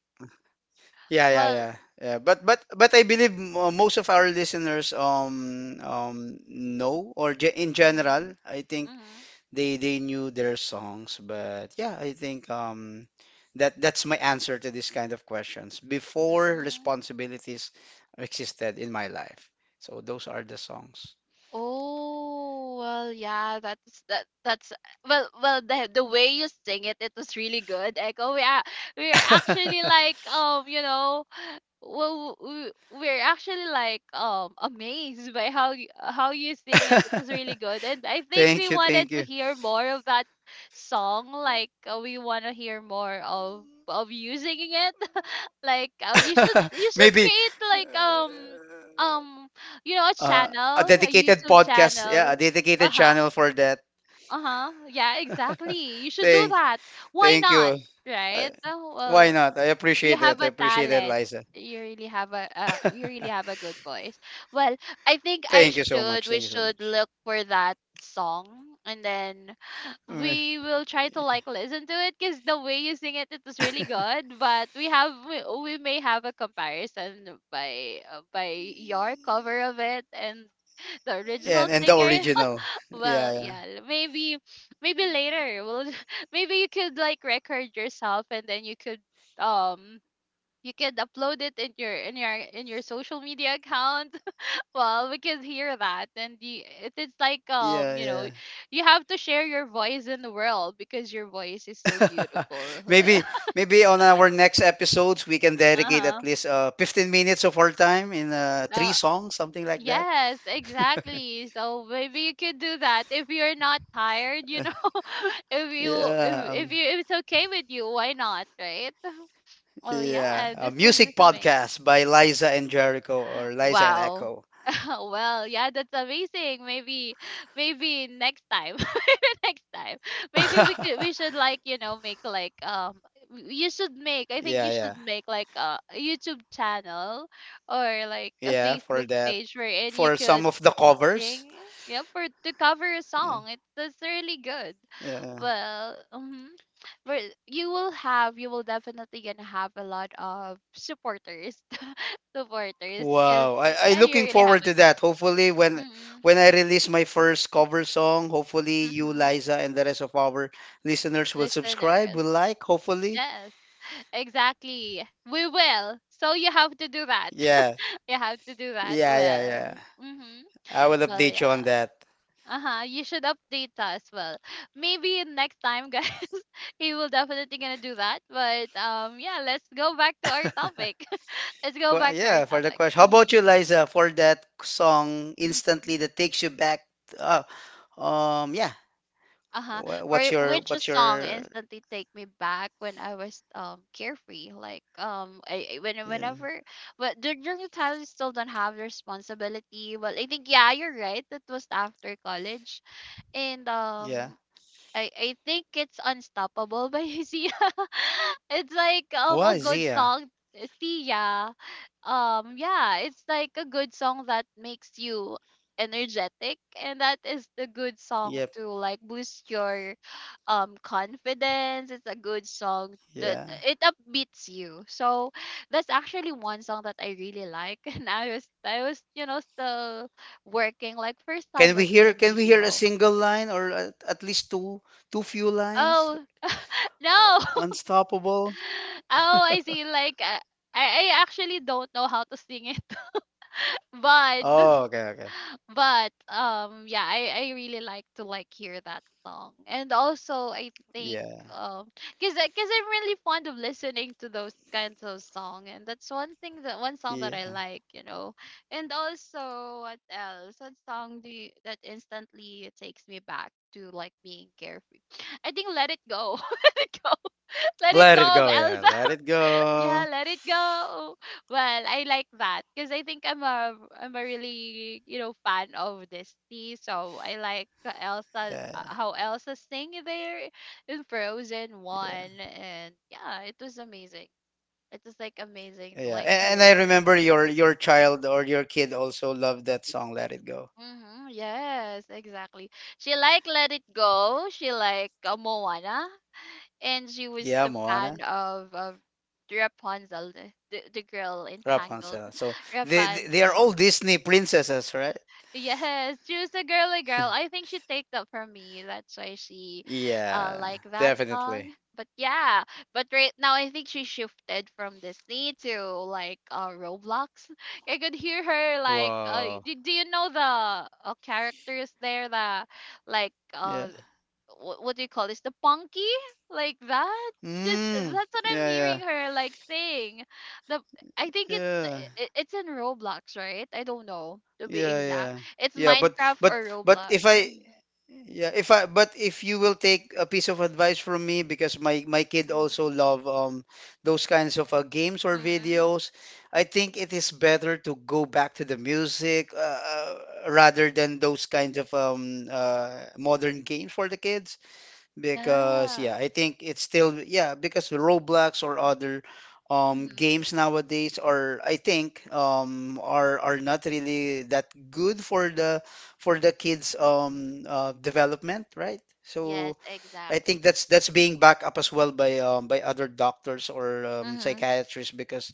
Yeah, yeah, Well, yeah. Yeah, but but but I believe mo- most of our listeners um um know or ge- in mm, general, I think mm, they they knew their songs, but yeah, I think um that that's my answer to this kind of questions before mm. responsibilities existed in my life. So those are the songs. Oh, well, yeah, that's that that's well well the the way you sing it, it was really good. Echo, we are we're actually like um, you know, well we, we're actually like um amazed by how you, how you sing it. It was really good. And I think we Thank you, wanted thank to you. hear more of that song, like uh, we want to hear more of of you singing it, like uh, you should you should Maybe create uh, like um um you know, a uh, a channel, a dedicated YouTube podcast, yeah, a channel. dedicated Uh-huh, channel for that. uh-huh, yeah, exactly, you should do Thank, that. Why thank not, you. Uh, right? Uh, why well, not? I you appreciate have that. I a appreciate that, talent. Liza. You really have a uh, you really have a good voice. Well, I think I Thank you so much. should we Thank you so should much. look for that song, and then Mm. we will try to like listen to it, because the way you sing it, it was really good, but we have we, we may have a comparison by uh, by your cover of it and the Yeah, original and and the singer. original. Well, Yeah, yeah. yeah, maybe, maybe later we'll, maybe you could like record yourself, and then you could um you can upload it in your in your in your social media account. Well, we can hear that, and you, it is like um you know, Yeah, you have to share your voice in the world, because your voice is so yeah. beautiful. Maybe maybe on our next episodes we can dedicate Uh-huh. at least uh fifteen minutes of our time in uh three Uh, songs, something like that. yes, exactly, so maybe you could do that if you're not tired, you know. If you Yeah, if, if um, you, if it's okay with you, why not, right? Well yeah, yeah, a this is this music is amazing. podcast by Liza and Jericho or Liza and Wow. Echo. Oh, well, yeah, that's amazing. Maybe, maybe next time, maybe next time, maybe we could, we should, like, you know, make like, um, w- you should make, I think you Yeah, should yeah, make like a a YouTube channel or like a yeah, for Facebook that. page wherein you For some could of the covers. sing, yeah, for to cover a Yeah, song. It's, that's really good. yeah. Well, mm, but you will have, you will definitely gonna have a lot of supporters, supporters, because Wow, I I yeah, you looking really have forward to a that. Hopefully, when Mm-mm. when I release my first cover song, hopefully you, Mm-hmm. Liza, and the rest of our listeners will subscribe, Listeners. will like, hopefully. Yes. Exactly. We will. So you have to do that. Yeah, You have to do that. yeah, yeah, yeah. Well. Mm-hmm. I will Well, update you on yeah. that. Uh-huh. You should update us. Well, maybe next time, guys, he will definitely gonna do that. But um, yeah, let's go back to our topic. Let's go Qu- back to our yeah, for the topic. question. How about you, Mm-hmm. Liza, for that song Mm-hmm. instantly that takes you back? Uh, um, yeah. Uh-huh. Wha- What's For your which what's song your instantly take me back when I was um carefree. Like um I, I- when yeah whenever, but dur- during the time you still don't have responsibility. Well, I think, yeah, you're right. That was after college. And yeah? um I I think it's Unstoppable by Sia. It's like um a Why good Zia? song. Sia. Um yeah, it's like a good song that makes you energetic, and that is the good song Yep, to like boost your um confidence. It's a good song that yeah. it upbeats you. So that's actually one song that I really like and I was I was, you know, still working like first time Can we working hear in can we hear a B P O. single line or at, at least two two few lines? Oh no. Unstoppable. Oh, I see. Like, uh, I, I actually don't know how to sing it, but Oh, okay, okay. but um, yeah, I I really like to like hear that song, and also I think Yeah, um, cause I- cause I'm really fond of listening to those kinds of song, and that's one thing that one song that I yeah. like, you know, and also what else? What song do you, that instantly takes me back to like being carefree? I think Let It Go, Let It Go, Let It Let it Go of go. Yeah, Elsa. let it Yeah, go. let it go. Well, I like that because I think I'm a I'm a really, you know, fan of Disney, so I like the Elsa, uh, Yeah, how Elsa sing there in Frozen yeah. one, and yeah, it was amazing. It was like amazing to Yeah, like a- and hear I those remember things. your your child or your kid also loved that song, Let It Go. Mm-hmm, yes, exactly. She like Let It Go. She like uh, Moana, and she was Yeah, the fan Moana, of of Rapunzel, the, the the girl entangled Rapunzel. So they they they are all Rapunzel. Disney princesses, right? Yes, she was a girly girl. I think she take that from me. That's why she uh like Yeah, that song. definitely. But yeah, but right now I think she shifted from Disney to like uh Roblox. I could hear her like uh Wow. do, do you know the uh, characters there the like uh Yeah. what, what do you call this, the punky, like that, just Mm. that's what I'm hearing Yeah, her like saying the, I think yeah, it's yeah. it, it's in Roblox, right? I don't know to be Yeah, exact, yeah. it's Yeah, but Minecraft but or but Roblox. if I Mhm, yeah, if I but if you will take a piece of advice from me because my my kid mhm, also love um those kinds of uh, games or mhm. videos, I think it is better to go back to the music uh, uh, rather than those kinds of um uh modern games for the kids. Because Yeah. yeah, I think it's still yeah, because Roblox or other um Hmm. games nowadays are I think um are are not really that good for the for the kids um uh, development, right? Yes, So I think exactly. that's that's being backed up as well by um by other doctors or um, Mm-hmm, psychiatrists because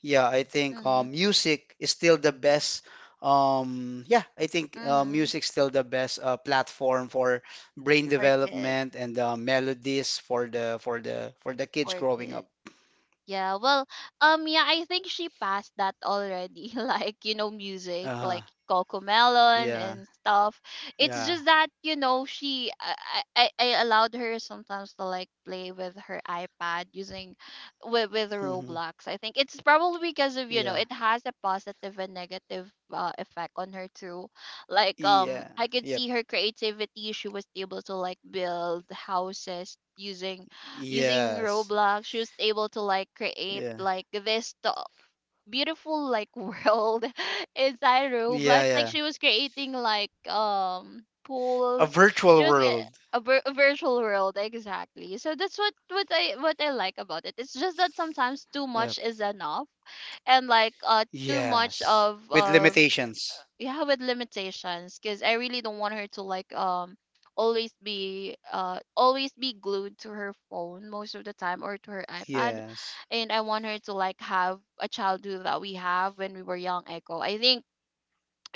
yeah, I think mm-hmm, um, music is still the best. Um, yeah, I think uh, mm-hmm. music's still the best uh, platform for brain For kids, development and uh, melodies for the for the for the kids for growing up. kids. Yeah, well, um, yeah, I think she passed that already. Like, you know, music, Uh, like Coco Melon yeah, and stuff. It's yeah, just that, you know, she, I, I, I I allowed her sometimes to like play with her iPad using, with, with hmm Roblox. I think it's probably because of, you know, yeah, it has a positive and negative, uh, effect on her too. Like, um, yeah, I could yep, see her creativity. She was able to like build houses using using yes, Roblox. She was able to like create yeah, like this t- beautiful like world inside yeah, Roblox. Like yeah. she was creating like um A pools, virtual just world. a, vir- a virtual world exactly. So that's what what I what I like about it. It's just that sometimes too Yep. much is enough, and like uh too much Yes, of with of limitations. yeah, with limitations, because I really don't want her to like um always be, uh always be glued to her phone most of the time or to her iPad, Yes, and I want her to like have a childhood that we have when we were young, Echo. I think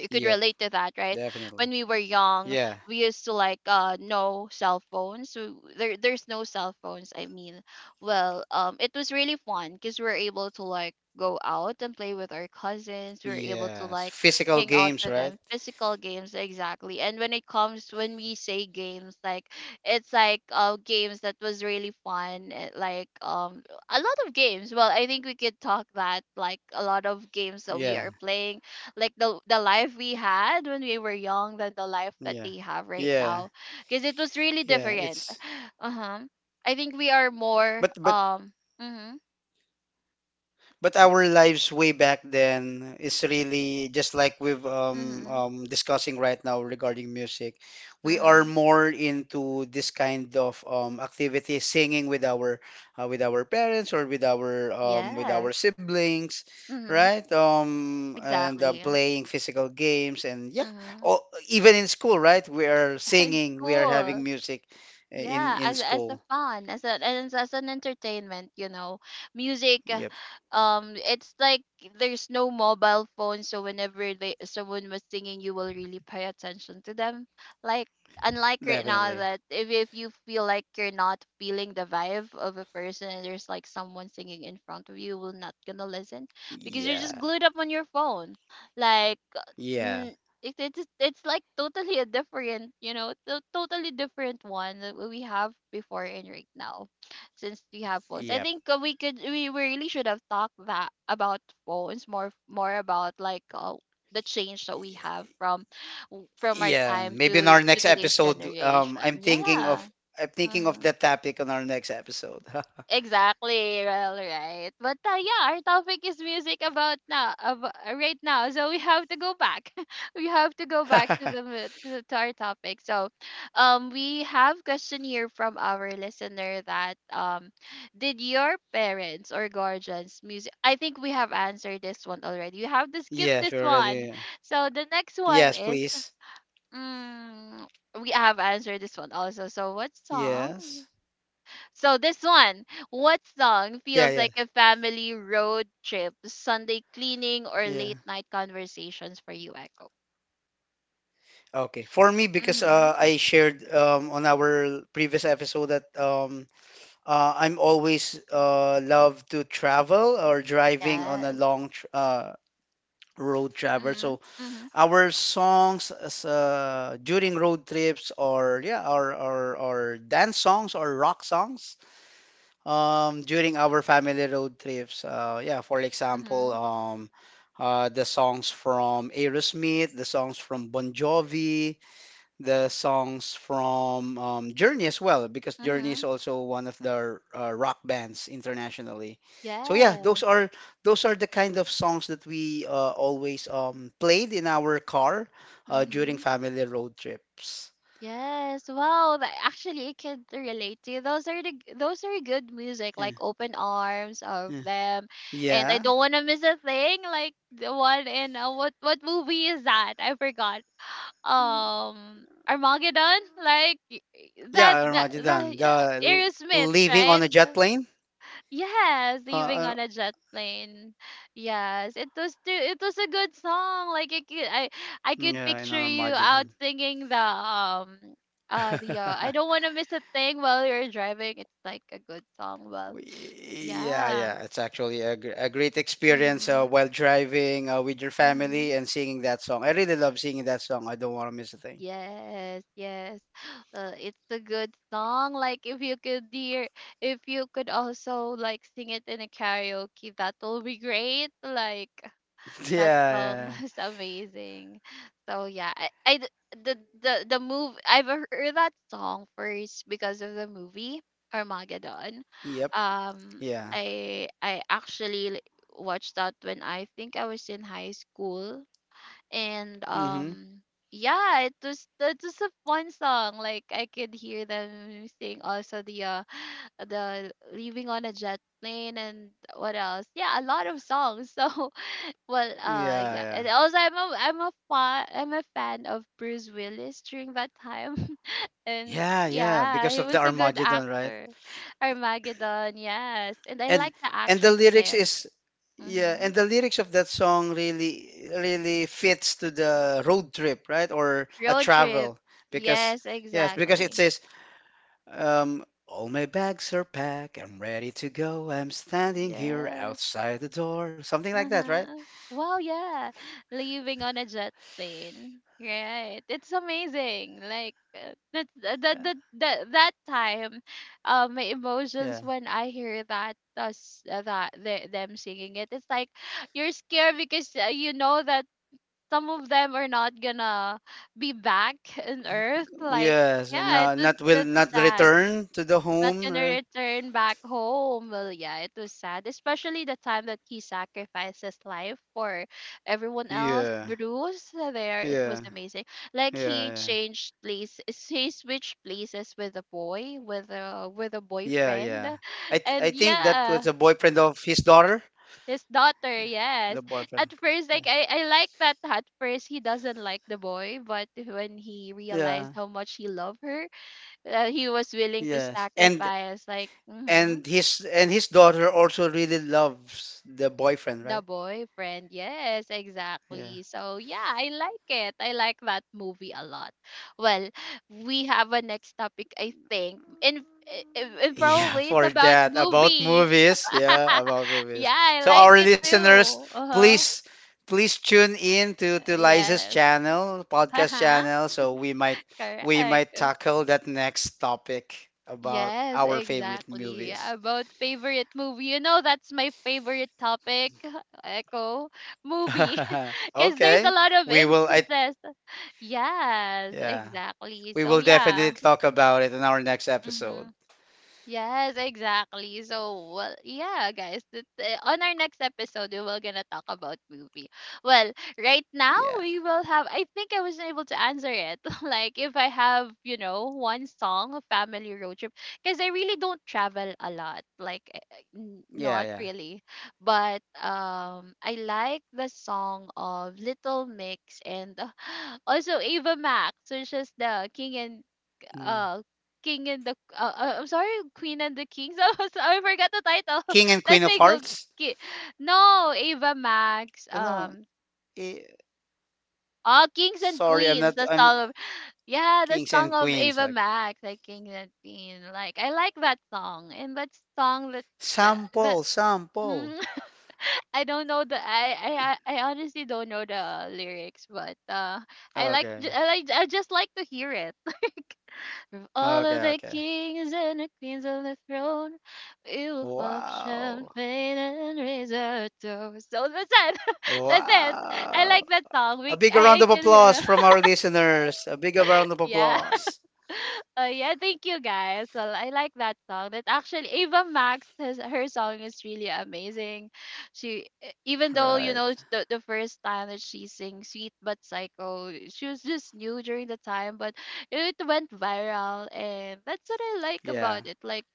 you could yep, relate to that, right? definitely. When we were young, Yeah. we used to like, uh no cell phones. So there there's no cell phones, I mean, well, um it was really fun because we were able to like go out and play with our cousins. We were able to Yes, like physical hang out games, with right? them, physical games exactly. And when it comes when we say games, like it's like uh games that was really fun, eh, like um a lot of games. Well, I think we could talk that like a lot of games that we Yeah, are playing, like the the life we had when we were young than the life that yeah, they have right yeah, now, because it was really yeah. different. It's Uh-huh. I think we are more, but but um mhm, But our lives way back then is really just like we've um, mhm, um, discussing right now regarding music. We are mhm, more into this kind of um, activity, singing with our uh, with our parents or with our um, with our yes, siblings, mhm, right? Um, and um, exactly, playing physical games and yeah, mhm. oh, even in school, right? We are It's singing, we are having cool. music uh, in Yeah, in as as a school. fun, as a, as, as an entertainment, you know, music, Yep, uh, um it's like there's no mobile phone, so whenever they, someone was singing, you will really pay attention to them, like unlike right now definitely. that if, if you feel like you're not feeling the vibe of a person and there's like someone singing in front of you, you will not gonna listen, because you're just Yeah, glued up on your phone, like yeah, it, it's it's like totally a different, you know, to- totally different one that we have before and right now. Since we have phones, I yep. think, uh, we could, we really should have talked that about phones, more more about like, uh, the change that we have from from our Yeah, time maybe in to our to next today's episode, um, I'm generation. Thinking of yeah. I'm thinking of Mm-hmm. that topic on our next episode. Exactly. Well, right. But uh, yeah, our topic is music about now, about, right now. So we have to go back. We have to go back to the mu- to, to our topic. So, um, we have question here from our listener that, um, did your parents or guardians music? I think we have answered this one already. You have to skip Yes, this we're one. already. So the next one Yes, is please. mm, we have answered this one also. So what song? Yes. So this one, what song Yeah, feels yeah, like a family road trip, Sunday cleaning or yeah. late night conversations for you, Echo? Okay. For me, because Mhm. uh, I shared um, on our previous episode that um, uh, I'm always uh, love to travel or driving on a Yes. long tr uh, road travel. Mhm. So Mhm. our songs as, uh, during road trips or yeah or, or or dance songs or rock songs um, during our family road trips uh, yeah for example Mhm. um, uh, the songs from Aerosmith the songs from Bon Jovi the songs from um, Journey as well, because Journey is Mhm. also one of the uh, rock bands internationally. So yeah, Yes. those are those are the kind of songs that we uh, always um, played in our car uh, during Mhm. family road trips. Yes. Wow. That actually, I can relate to. You. Those are the g- those are good music, Yeah, like Open Arms of yeah, them, and I yeah, don't want to miss a thing. Like the one in, uh, what what movie is that? I forgot. Um, Armageddon, like y- y- yeah. that that Armageddon, that yeah, the l- Aerosmith, leaving right? on a jet plane. Yes, Uh, leaving uh, on a jet plane. Yes, it was too, it was a good song. Like I could, I I could yeah, in picture you out Armageddon. singing the um uh the, uh, I don't want to miss a thing, while you're driving. It's like a good song. Well, Yeah, yeah. yeah, it's actually a, gr- a great experience uh, Mhm. while driving uh, with your family Mhm. and singing that song. I really love singing that song. I don't want to miss a thing. Yes, yes. Uh, it's a good song. Like if you could hear, if you could also like sing it in a karaoke, that will be great. Like that Yeah, song yeah. is amazing. So yeah, I, I d- the the the move I've heard that song first because of the movie Armageddon. Yep. Um, Yeah. I I actually like, watched that when I think I was in high school, and Mm-hmm. um, yeah, it was, that was a fun song. Like I could hear them sing also the uh the leaving on a jet plane and what else, yeah, a lot of songs. So, well, uh Yeah, yeah, yeah. and also i'm a I'm a fan, I'm a fan of Bruce Willis during that time. And Yeah, yeah, yeah, because he of the was a good Armageddon, right? actor. Armageddon, yes. And I And like the and the actress lyrics there. is yeah, Mm-hmm. and the lyrics of that song really really fits to the road trip, right? Or a Road trip. travel because Yes, yes, because it exactly. says Um, all my bags are packed. I'm ready to go. I'm standing here Yes. outside the door. Something like that, right? Uh-huh. Well, yeah. Leaving on a jet plane. Right. It's amazing. Like uh, that that Yeah. that that, that time, uh, my emotions Yeah. when I hear that us uh, that the, them singing it. It's like you're scared because, uh, you know that some of them are not gonna be back on earth, like, Yes. yeah, it No, was, not will that's not sad, return to the not home. gonna uh, return back home. Well, yeah, it was sad, especially the time that he sacrificed his life for everyone else. Yeah. Bruce, uh, there, it was Yeah. amazing. Like Yeah. he Yeah. changed place, he switched places with a boy, with a with a Yeah. boyfriend, Yeah. I th I and think that was yeah. a boyfriend of his daughter. His daughter, yes. The boyfriend. At first, Yeah. like I, I like that. At first, he doesn't like the boy, but when he realized Yeah. how much he loved her, uh, he was willing to Yes. And sacrifice. Like, mhm. and his and his daughter also really loves the boyfriend, The right? boyfriend, yes, Yeah. exactly. So yeah, I like it. I like that movie a lot. Well, we have a next topic, I think, and I- I- in Yeah, probably it's for about that. About movie. movies. Yeah, about Yeah, movies. I So like our it listeners, too. Uh huh. please please tune in to, to Liza's Yes. channel, Uh podcast huh. channel, so we might we might Correct. tackle that next topic about Yes, our favorite exactly. movies. About favorite movie. You know, that's my favorite topic, Echo, movie. 'Cause there's a Okay. lot of We will I instances. Yes, yeah. exactly. We So will definitely yeah. talk about it in our next episode. Mhm. Yes, exactly. So, well, yeah, guys, that, uh, on our next episode, we will gonna talk about movie. Well, right now Yeah. we will have. I think I wasn't able to answer it. Like, if I have, you know, one song, a family road trip, because I really don't travel a lot. Like, uh, uh, n- Yeah, not yeah. really. But um, I like the song of Little Mix and, uh, also Ava Max, which is the King and Mm. uh King and the, uh, uh, I'm sorry, Queen and the Kings. I was, I forgot the title. King and Let Queen of me go. Hearts? Ki- No, Ava Max. You know, Um, eh, oh, Kings and sorry, I'm Queens. not The I'm song of, yeah, the Kings song and of queens. Ava Okay. Max, like Kings and Queen. Like I like that song and that song that that. that. Sample, sample. I don't know the, I, I I I honestly don't know the lyrics, but, uh, I like Okay. I like I just like to hear it. From all of Okay, the okay. kings and the queens on the throne, we will pop Wow. champagne and raise our toast. So that's it. That's it. I like Wow. that song. A We big I, round I of can hear. applause from our listeners. A big round of Yeah. applause. Uh, yeah, thank you guys. Well, I like that song. That actually Ava Max has her song is really amazing. She e- even though you Right. know the, the first time that she sings "Sweet but Psycho," she was just new during the time, but it went viral, and that's what I like about Yeah. it. Like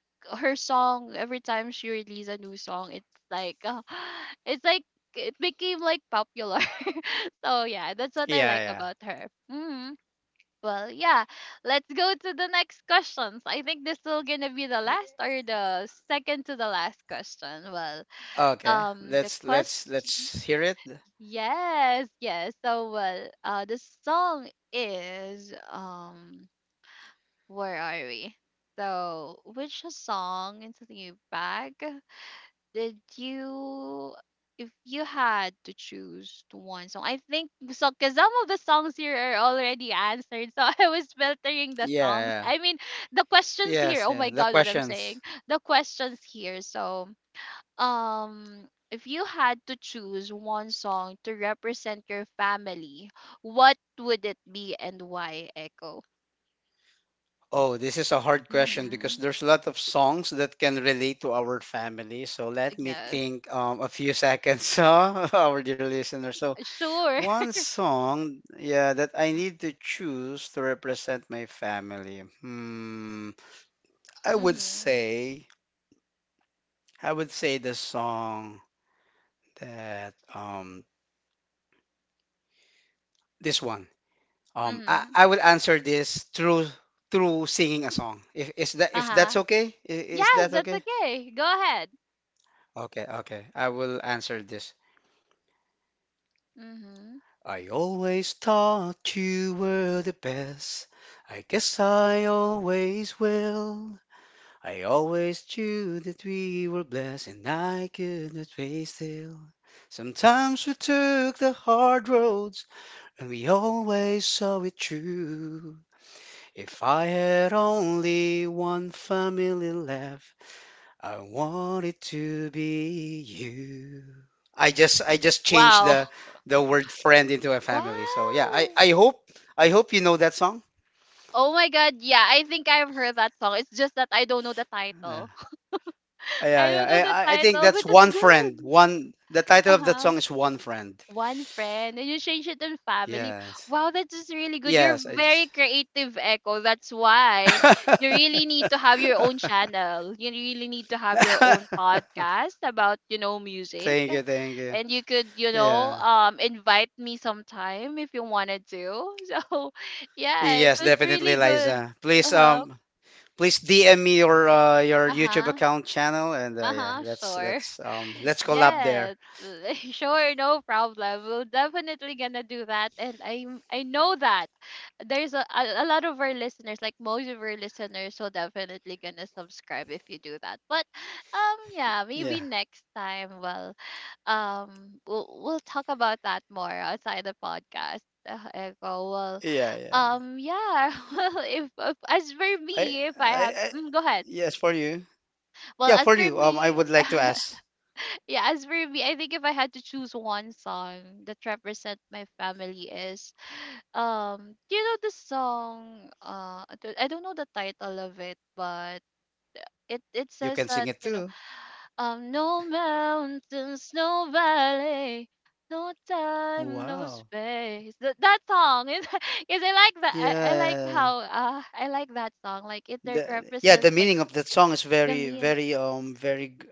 her song, every time she released a new song, it's like uh, it's like it became like popular. so yeah, that's what I Yeah, like yeah. about her. Mm-hmm. Well, yeah. Let's go to the next questions. I think this will gonna be the Y- last or the second to the last question. Well, Okay. Um, the Let's let's question. let's hear it. Yes, yes. So, well, uh, the song is um, where are we? So, which song into the bag? Did you, if you had to choose to one song, I think so, because some of the songs here are already answered. So I was filtering the Yeah, songs. yeah. I mean, the questions here. Yes, Oh yeah. my The God, what I'm saying. questions. The questions here. So, um, if you had to choose one song to represent your family, what would it be and why, Echo? Oh, this is a hard question because Mm-hmm. there's a lot of songs that can relate to our family. So let me Yes. think um, a few seconds, huh, our dear listener. So Sure. one song, yeah, that I need to choose to represent my family. Hmm, I would Mm-hmm. say, I would say the song that um this one. Um, I, Mm-hmm. I will answer this through through singing a song. If is that if that's Uh-huh. okay? I- Is Yes, that that's okay? okay. Go ahead. Okay, okay. I will answer this. Mm-hmm. I always thought you were the best. I guess I always will. I always knew that we were blessed and I could not face still. Sometimes we took the hard roads and we always saw it through. If I had only one family left, I want it to be you. I just I just changed Wow. the the word friend into a family. So yeah, I Wow. I hope I hope you know that song. Oh my God, yeah, I think I've heard that song. It's just that I don't know the Yeah, title. I yeah, don't know yeah. the I I I think title, that's but it's one good. friend. One the title of that Uh-huh. song is One Friend. One friend, and you change it to family. Yes. Wow, that is really good. You're Yes, I very just creative, Echo. That's why you really need to have your own channel. You really need to have your own podcast about, you know, music. Thank you, thank you. And you could, you know, Yeah. um, invite me sometime if you wanted to. So, yeah, it Yes, was definitely, really good. Liza. Uh Please huh. um Please D M me your uh, your Uh YouTube huh. account channel and uh, yeah, Uh-huh, let's sure. let's um let's collab there. Yes. Sure, no problem. We'll definitely gonna do that and I I know that there's a, a a lot of our listeners, like most of our listeners will definitely gonna subscribe if you do that. But um yeah, maybe Yeah. next time well um we'll we'll talk about that more outside the podcast. Uh, Echo. Well Yeah, yeah. um yeah, well if, if as for I me if I I, have I mm, go ahead. yes, for you. Well, Yeah, as for for you. Um I me, would like to ask. yeah, as for me, I think if I had to choose one song that represent my family is um you know the song uh I don't I don't know the title of it, but it it You says can that, sing it you know, too. um no mountains, no valley, no time, no Wow. space. That that song is is I like that I, I like Yeah. how uh I like that song. Like it it The yeah, represents the like meaning of that song is the very mean very um very g-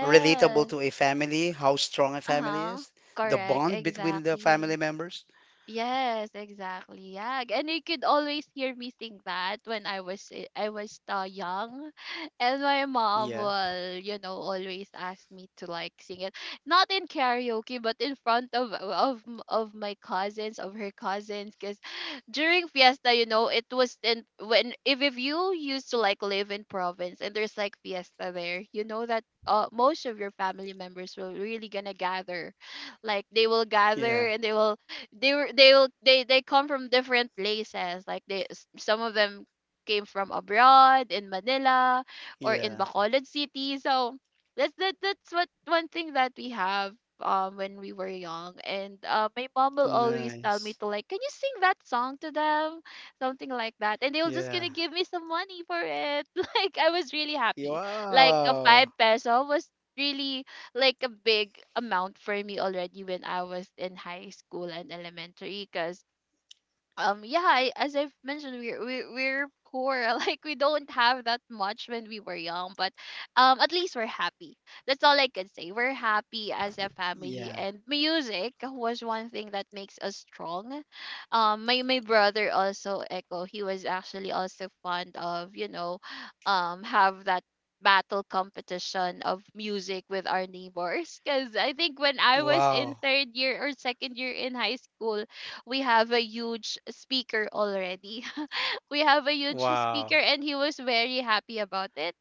relatable to a family, how strong a family Uh-huh. is, the Correct, bond between the family exactly. members. Yes, exactly. Yeah, and you could always hear me sing that when I was i- I was uh, young, and my mom Yeah. will you know always ask me to like sing it, not in karaoke, but in front of of m- of my cousins, of her cousins, because during fiesta, you know, it was in when if if you used to like live in province and there's like fiesta there, you know that uh, most of your family members will really gonna gather like they will Yeah. gather and they will they were they will they they come from different places like they s- some of them came from abroad in Manila or in Yeah. Bacolod City. So that's that, that's what one thing that we have um when we were young and uh, my mom will always tell me Nice. to like, can you sing that song to them, something like that, and they will just Yeah. gonna give me some money for it. Like I was really happy, like a five Wow. peso was really like a big amount for me already when I was in high school and elementary because um yeah, I, as I've mentioned, we're we're, we're poor. Like we don't have that much when we were young, but um at least we're happy. That's all I can say. We're happy as a family, Yeah. and music was one thing that makes us strong. Um my my brother also, Echo, he was actually also fond of, you know, um have that battle competition of music with our neighbors because I think when I was in Wow. third year or second year in high school, we have a huge speaker already. We have a huge speaker Wow. and he was very happy about it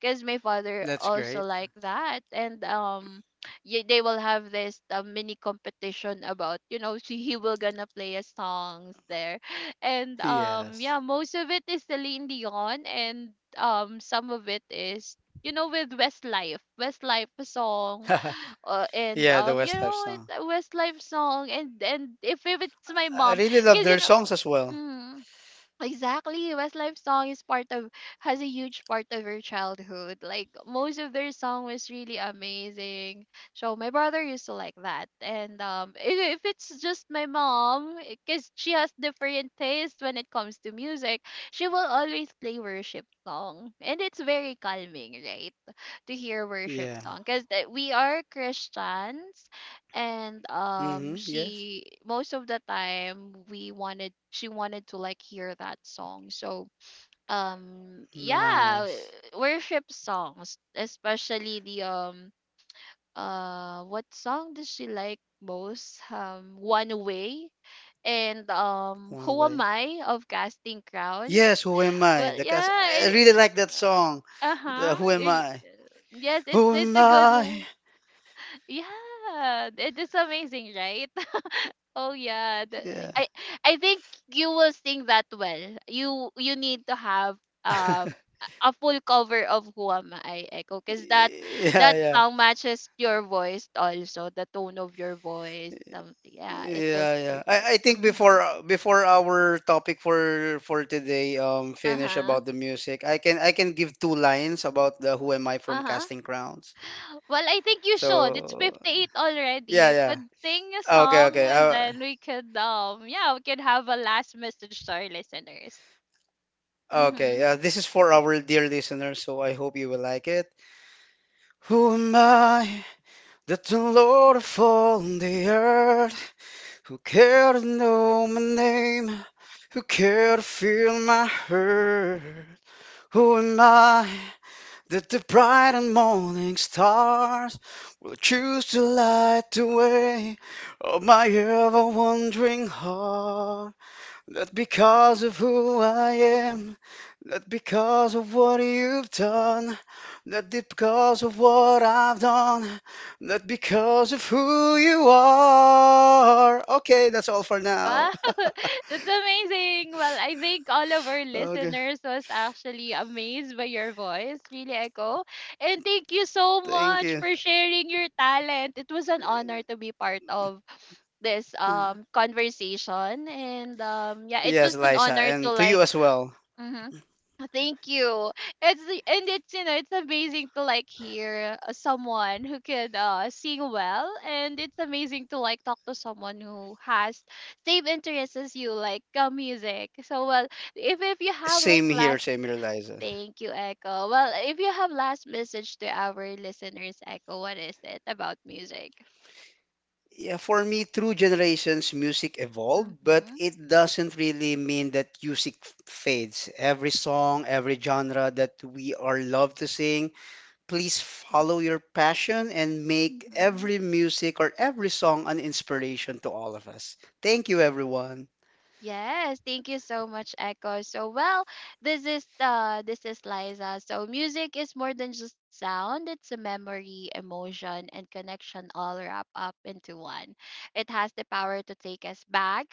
because my father That's also great. like that. And um yeah, they will have this uh, mini competition about, you know, she, he will gonna play a songs there. And um Yes. yeah, most of it is Celine Dion and um some of it is, you know, with Westlife Westlife song. uh, and Yeah, the um you Westlife know song. it's a Westlife song, and and if, if it's my I mom, really love because you their songs know, as well. mm, exactly. Westlife song is part of has a huge part of her childhood. Like most of their song was really amazing. So my brother used to like that. And um if, if it's just my mom, because she has different tastes when it comes to music, she will always play worship song. And it's very calming, right? To hear worship Yeah. song because we are Christians. And um Mm-hmm. Yes. she most of the time we wanted she wanted to like hear that song. So um yeah, Nice. worship songs, especially the um uh what song does she like most, um One Way and um One Who Am way. I of Casting Crowns. Yes, Who Am I? Well, The cast, yeah, I really it, like that song. uh, The uh-huh. Who Am I? Yes, it's Who it's Am a good I? one. Yeah, it is amazing, right? Oh yeah, the, Yeah. I I think you will sing that well. You you need to have um a a full cover of Who Am I, Echo, because that that Yeah, song matches your voice, also the tone of your voice. Something, yeah, it was yeah, yeah. very good. I, I think Hmm. before uh, before our topic for for today um Uh finish huh. about the music, I can I can give two lines about the Who Am I Uh from huh. Casting Crowns. Well, I think you should. It's So fifty-eight already. yeah, You yeah. could sing a Okay, song, okay. and Uh, then we could um yeah, we could have a last message to our listeners. okay. Mhm. Uh, this is for our dear listeners, so I hope you will like it. Who am I that the Lord upon the earth who care to know my name, who care to feel my hurt? Who am I? That the bright and morning stars will choose to light the way of my ever wandering heart. Not because of who I am, not because of what you've done, not because of what I've done, not because of who you are. Okay, that's all for now. Wow. That's amazing. Well, I think all of our Okay, listeners was actually amazed by your voice, really, Echo. And thank you so thank much you. for sharing your talent. It was an honor to be part of this um conversation. And um yeah, it Yes, was an Liza, honor to and to like you as well. mhm. Thank you. It's the and it's, you know, it's amazing to like hear uh, someone who can uh sing well, and it's amazing to like talk to someone who has same interests as you, like uh, music. So well, if if you have like Same here, last, same here, Liza. thank you, Echo. Well, if you have last message to our listeners, Echo, what is it about music? Yeah, for me, through generations, music evolved, but Mm-hmm. it doesn't really mean that music f- fades. Every song, every genre that we are loved to sing, please follow your passion and make Mm-hmm. every music or every song an inspiration to all of us. Thank you, everyone. Yes, thank you so much, Echo. So well, this is uh this is Liza. So music is more than just sound. It's a memory, emotion, and connection all wrapped up into one. It has the power to take us back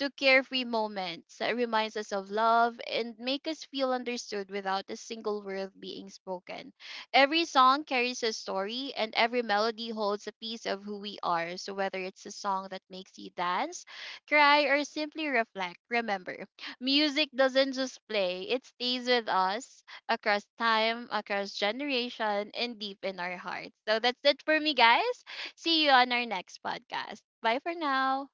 to carefree moments. It reminds us of love, and make us feel understood without a single word being spoken. Every song carries a story, and every melody holds a piece of who we are. So whether it's a song that makes you dance, cry, or simply reflect, remember, music doesn't just play, it stays with us across time, across generation, and deep in our hearts. So that's it for me, guys. See you on our next podcast. Bye for now.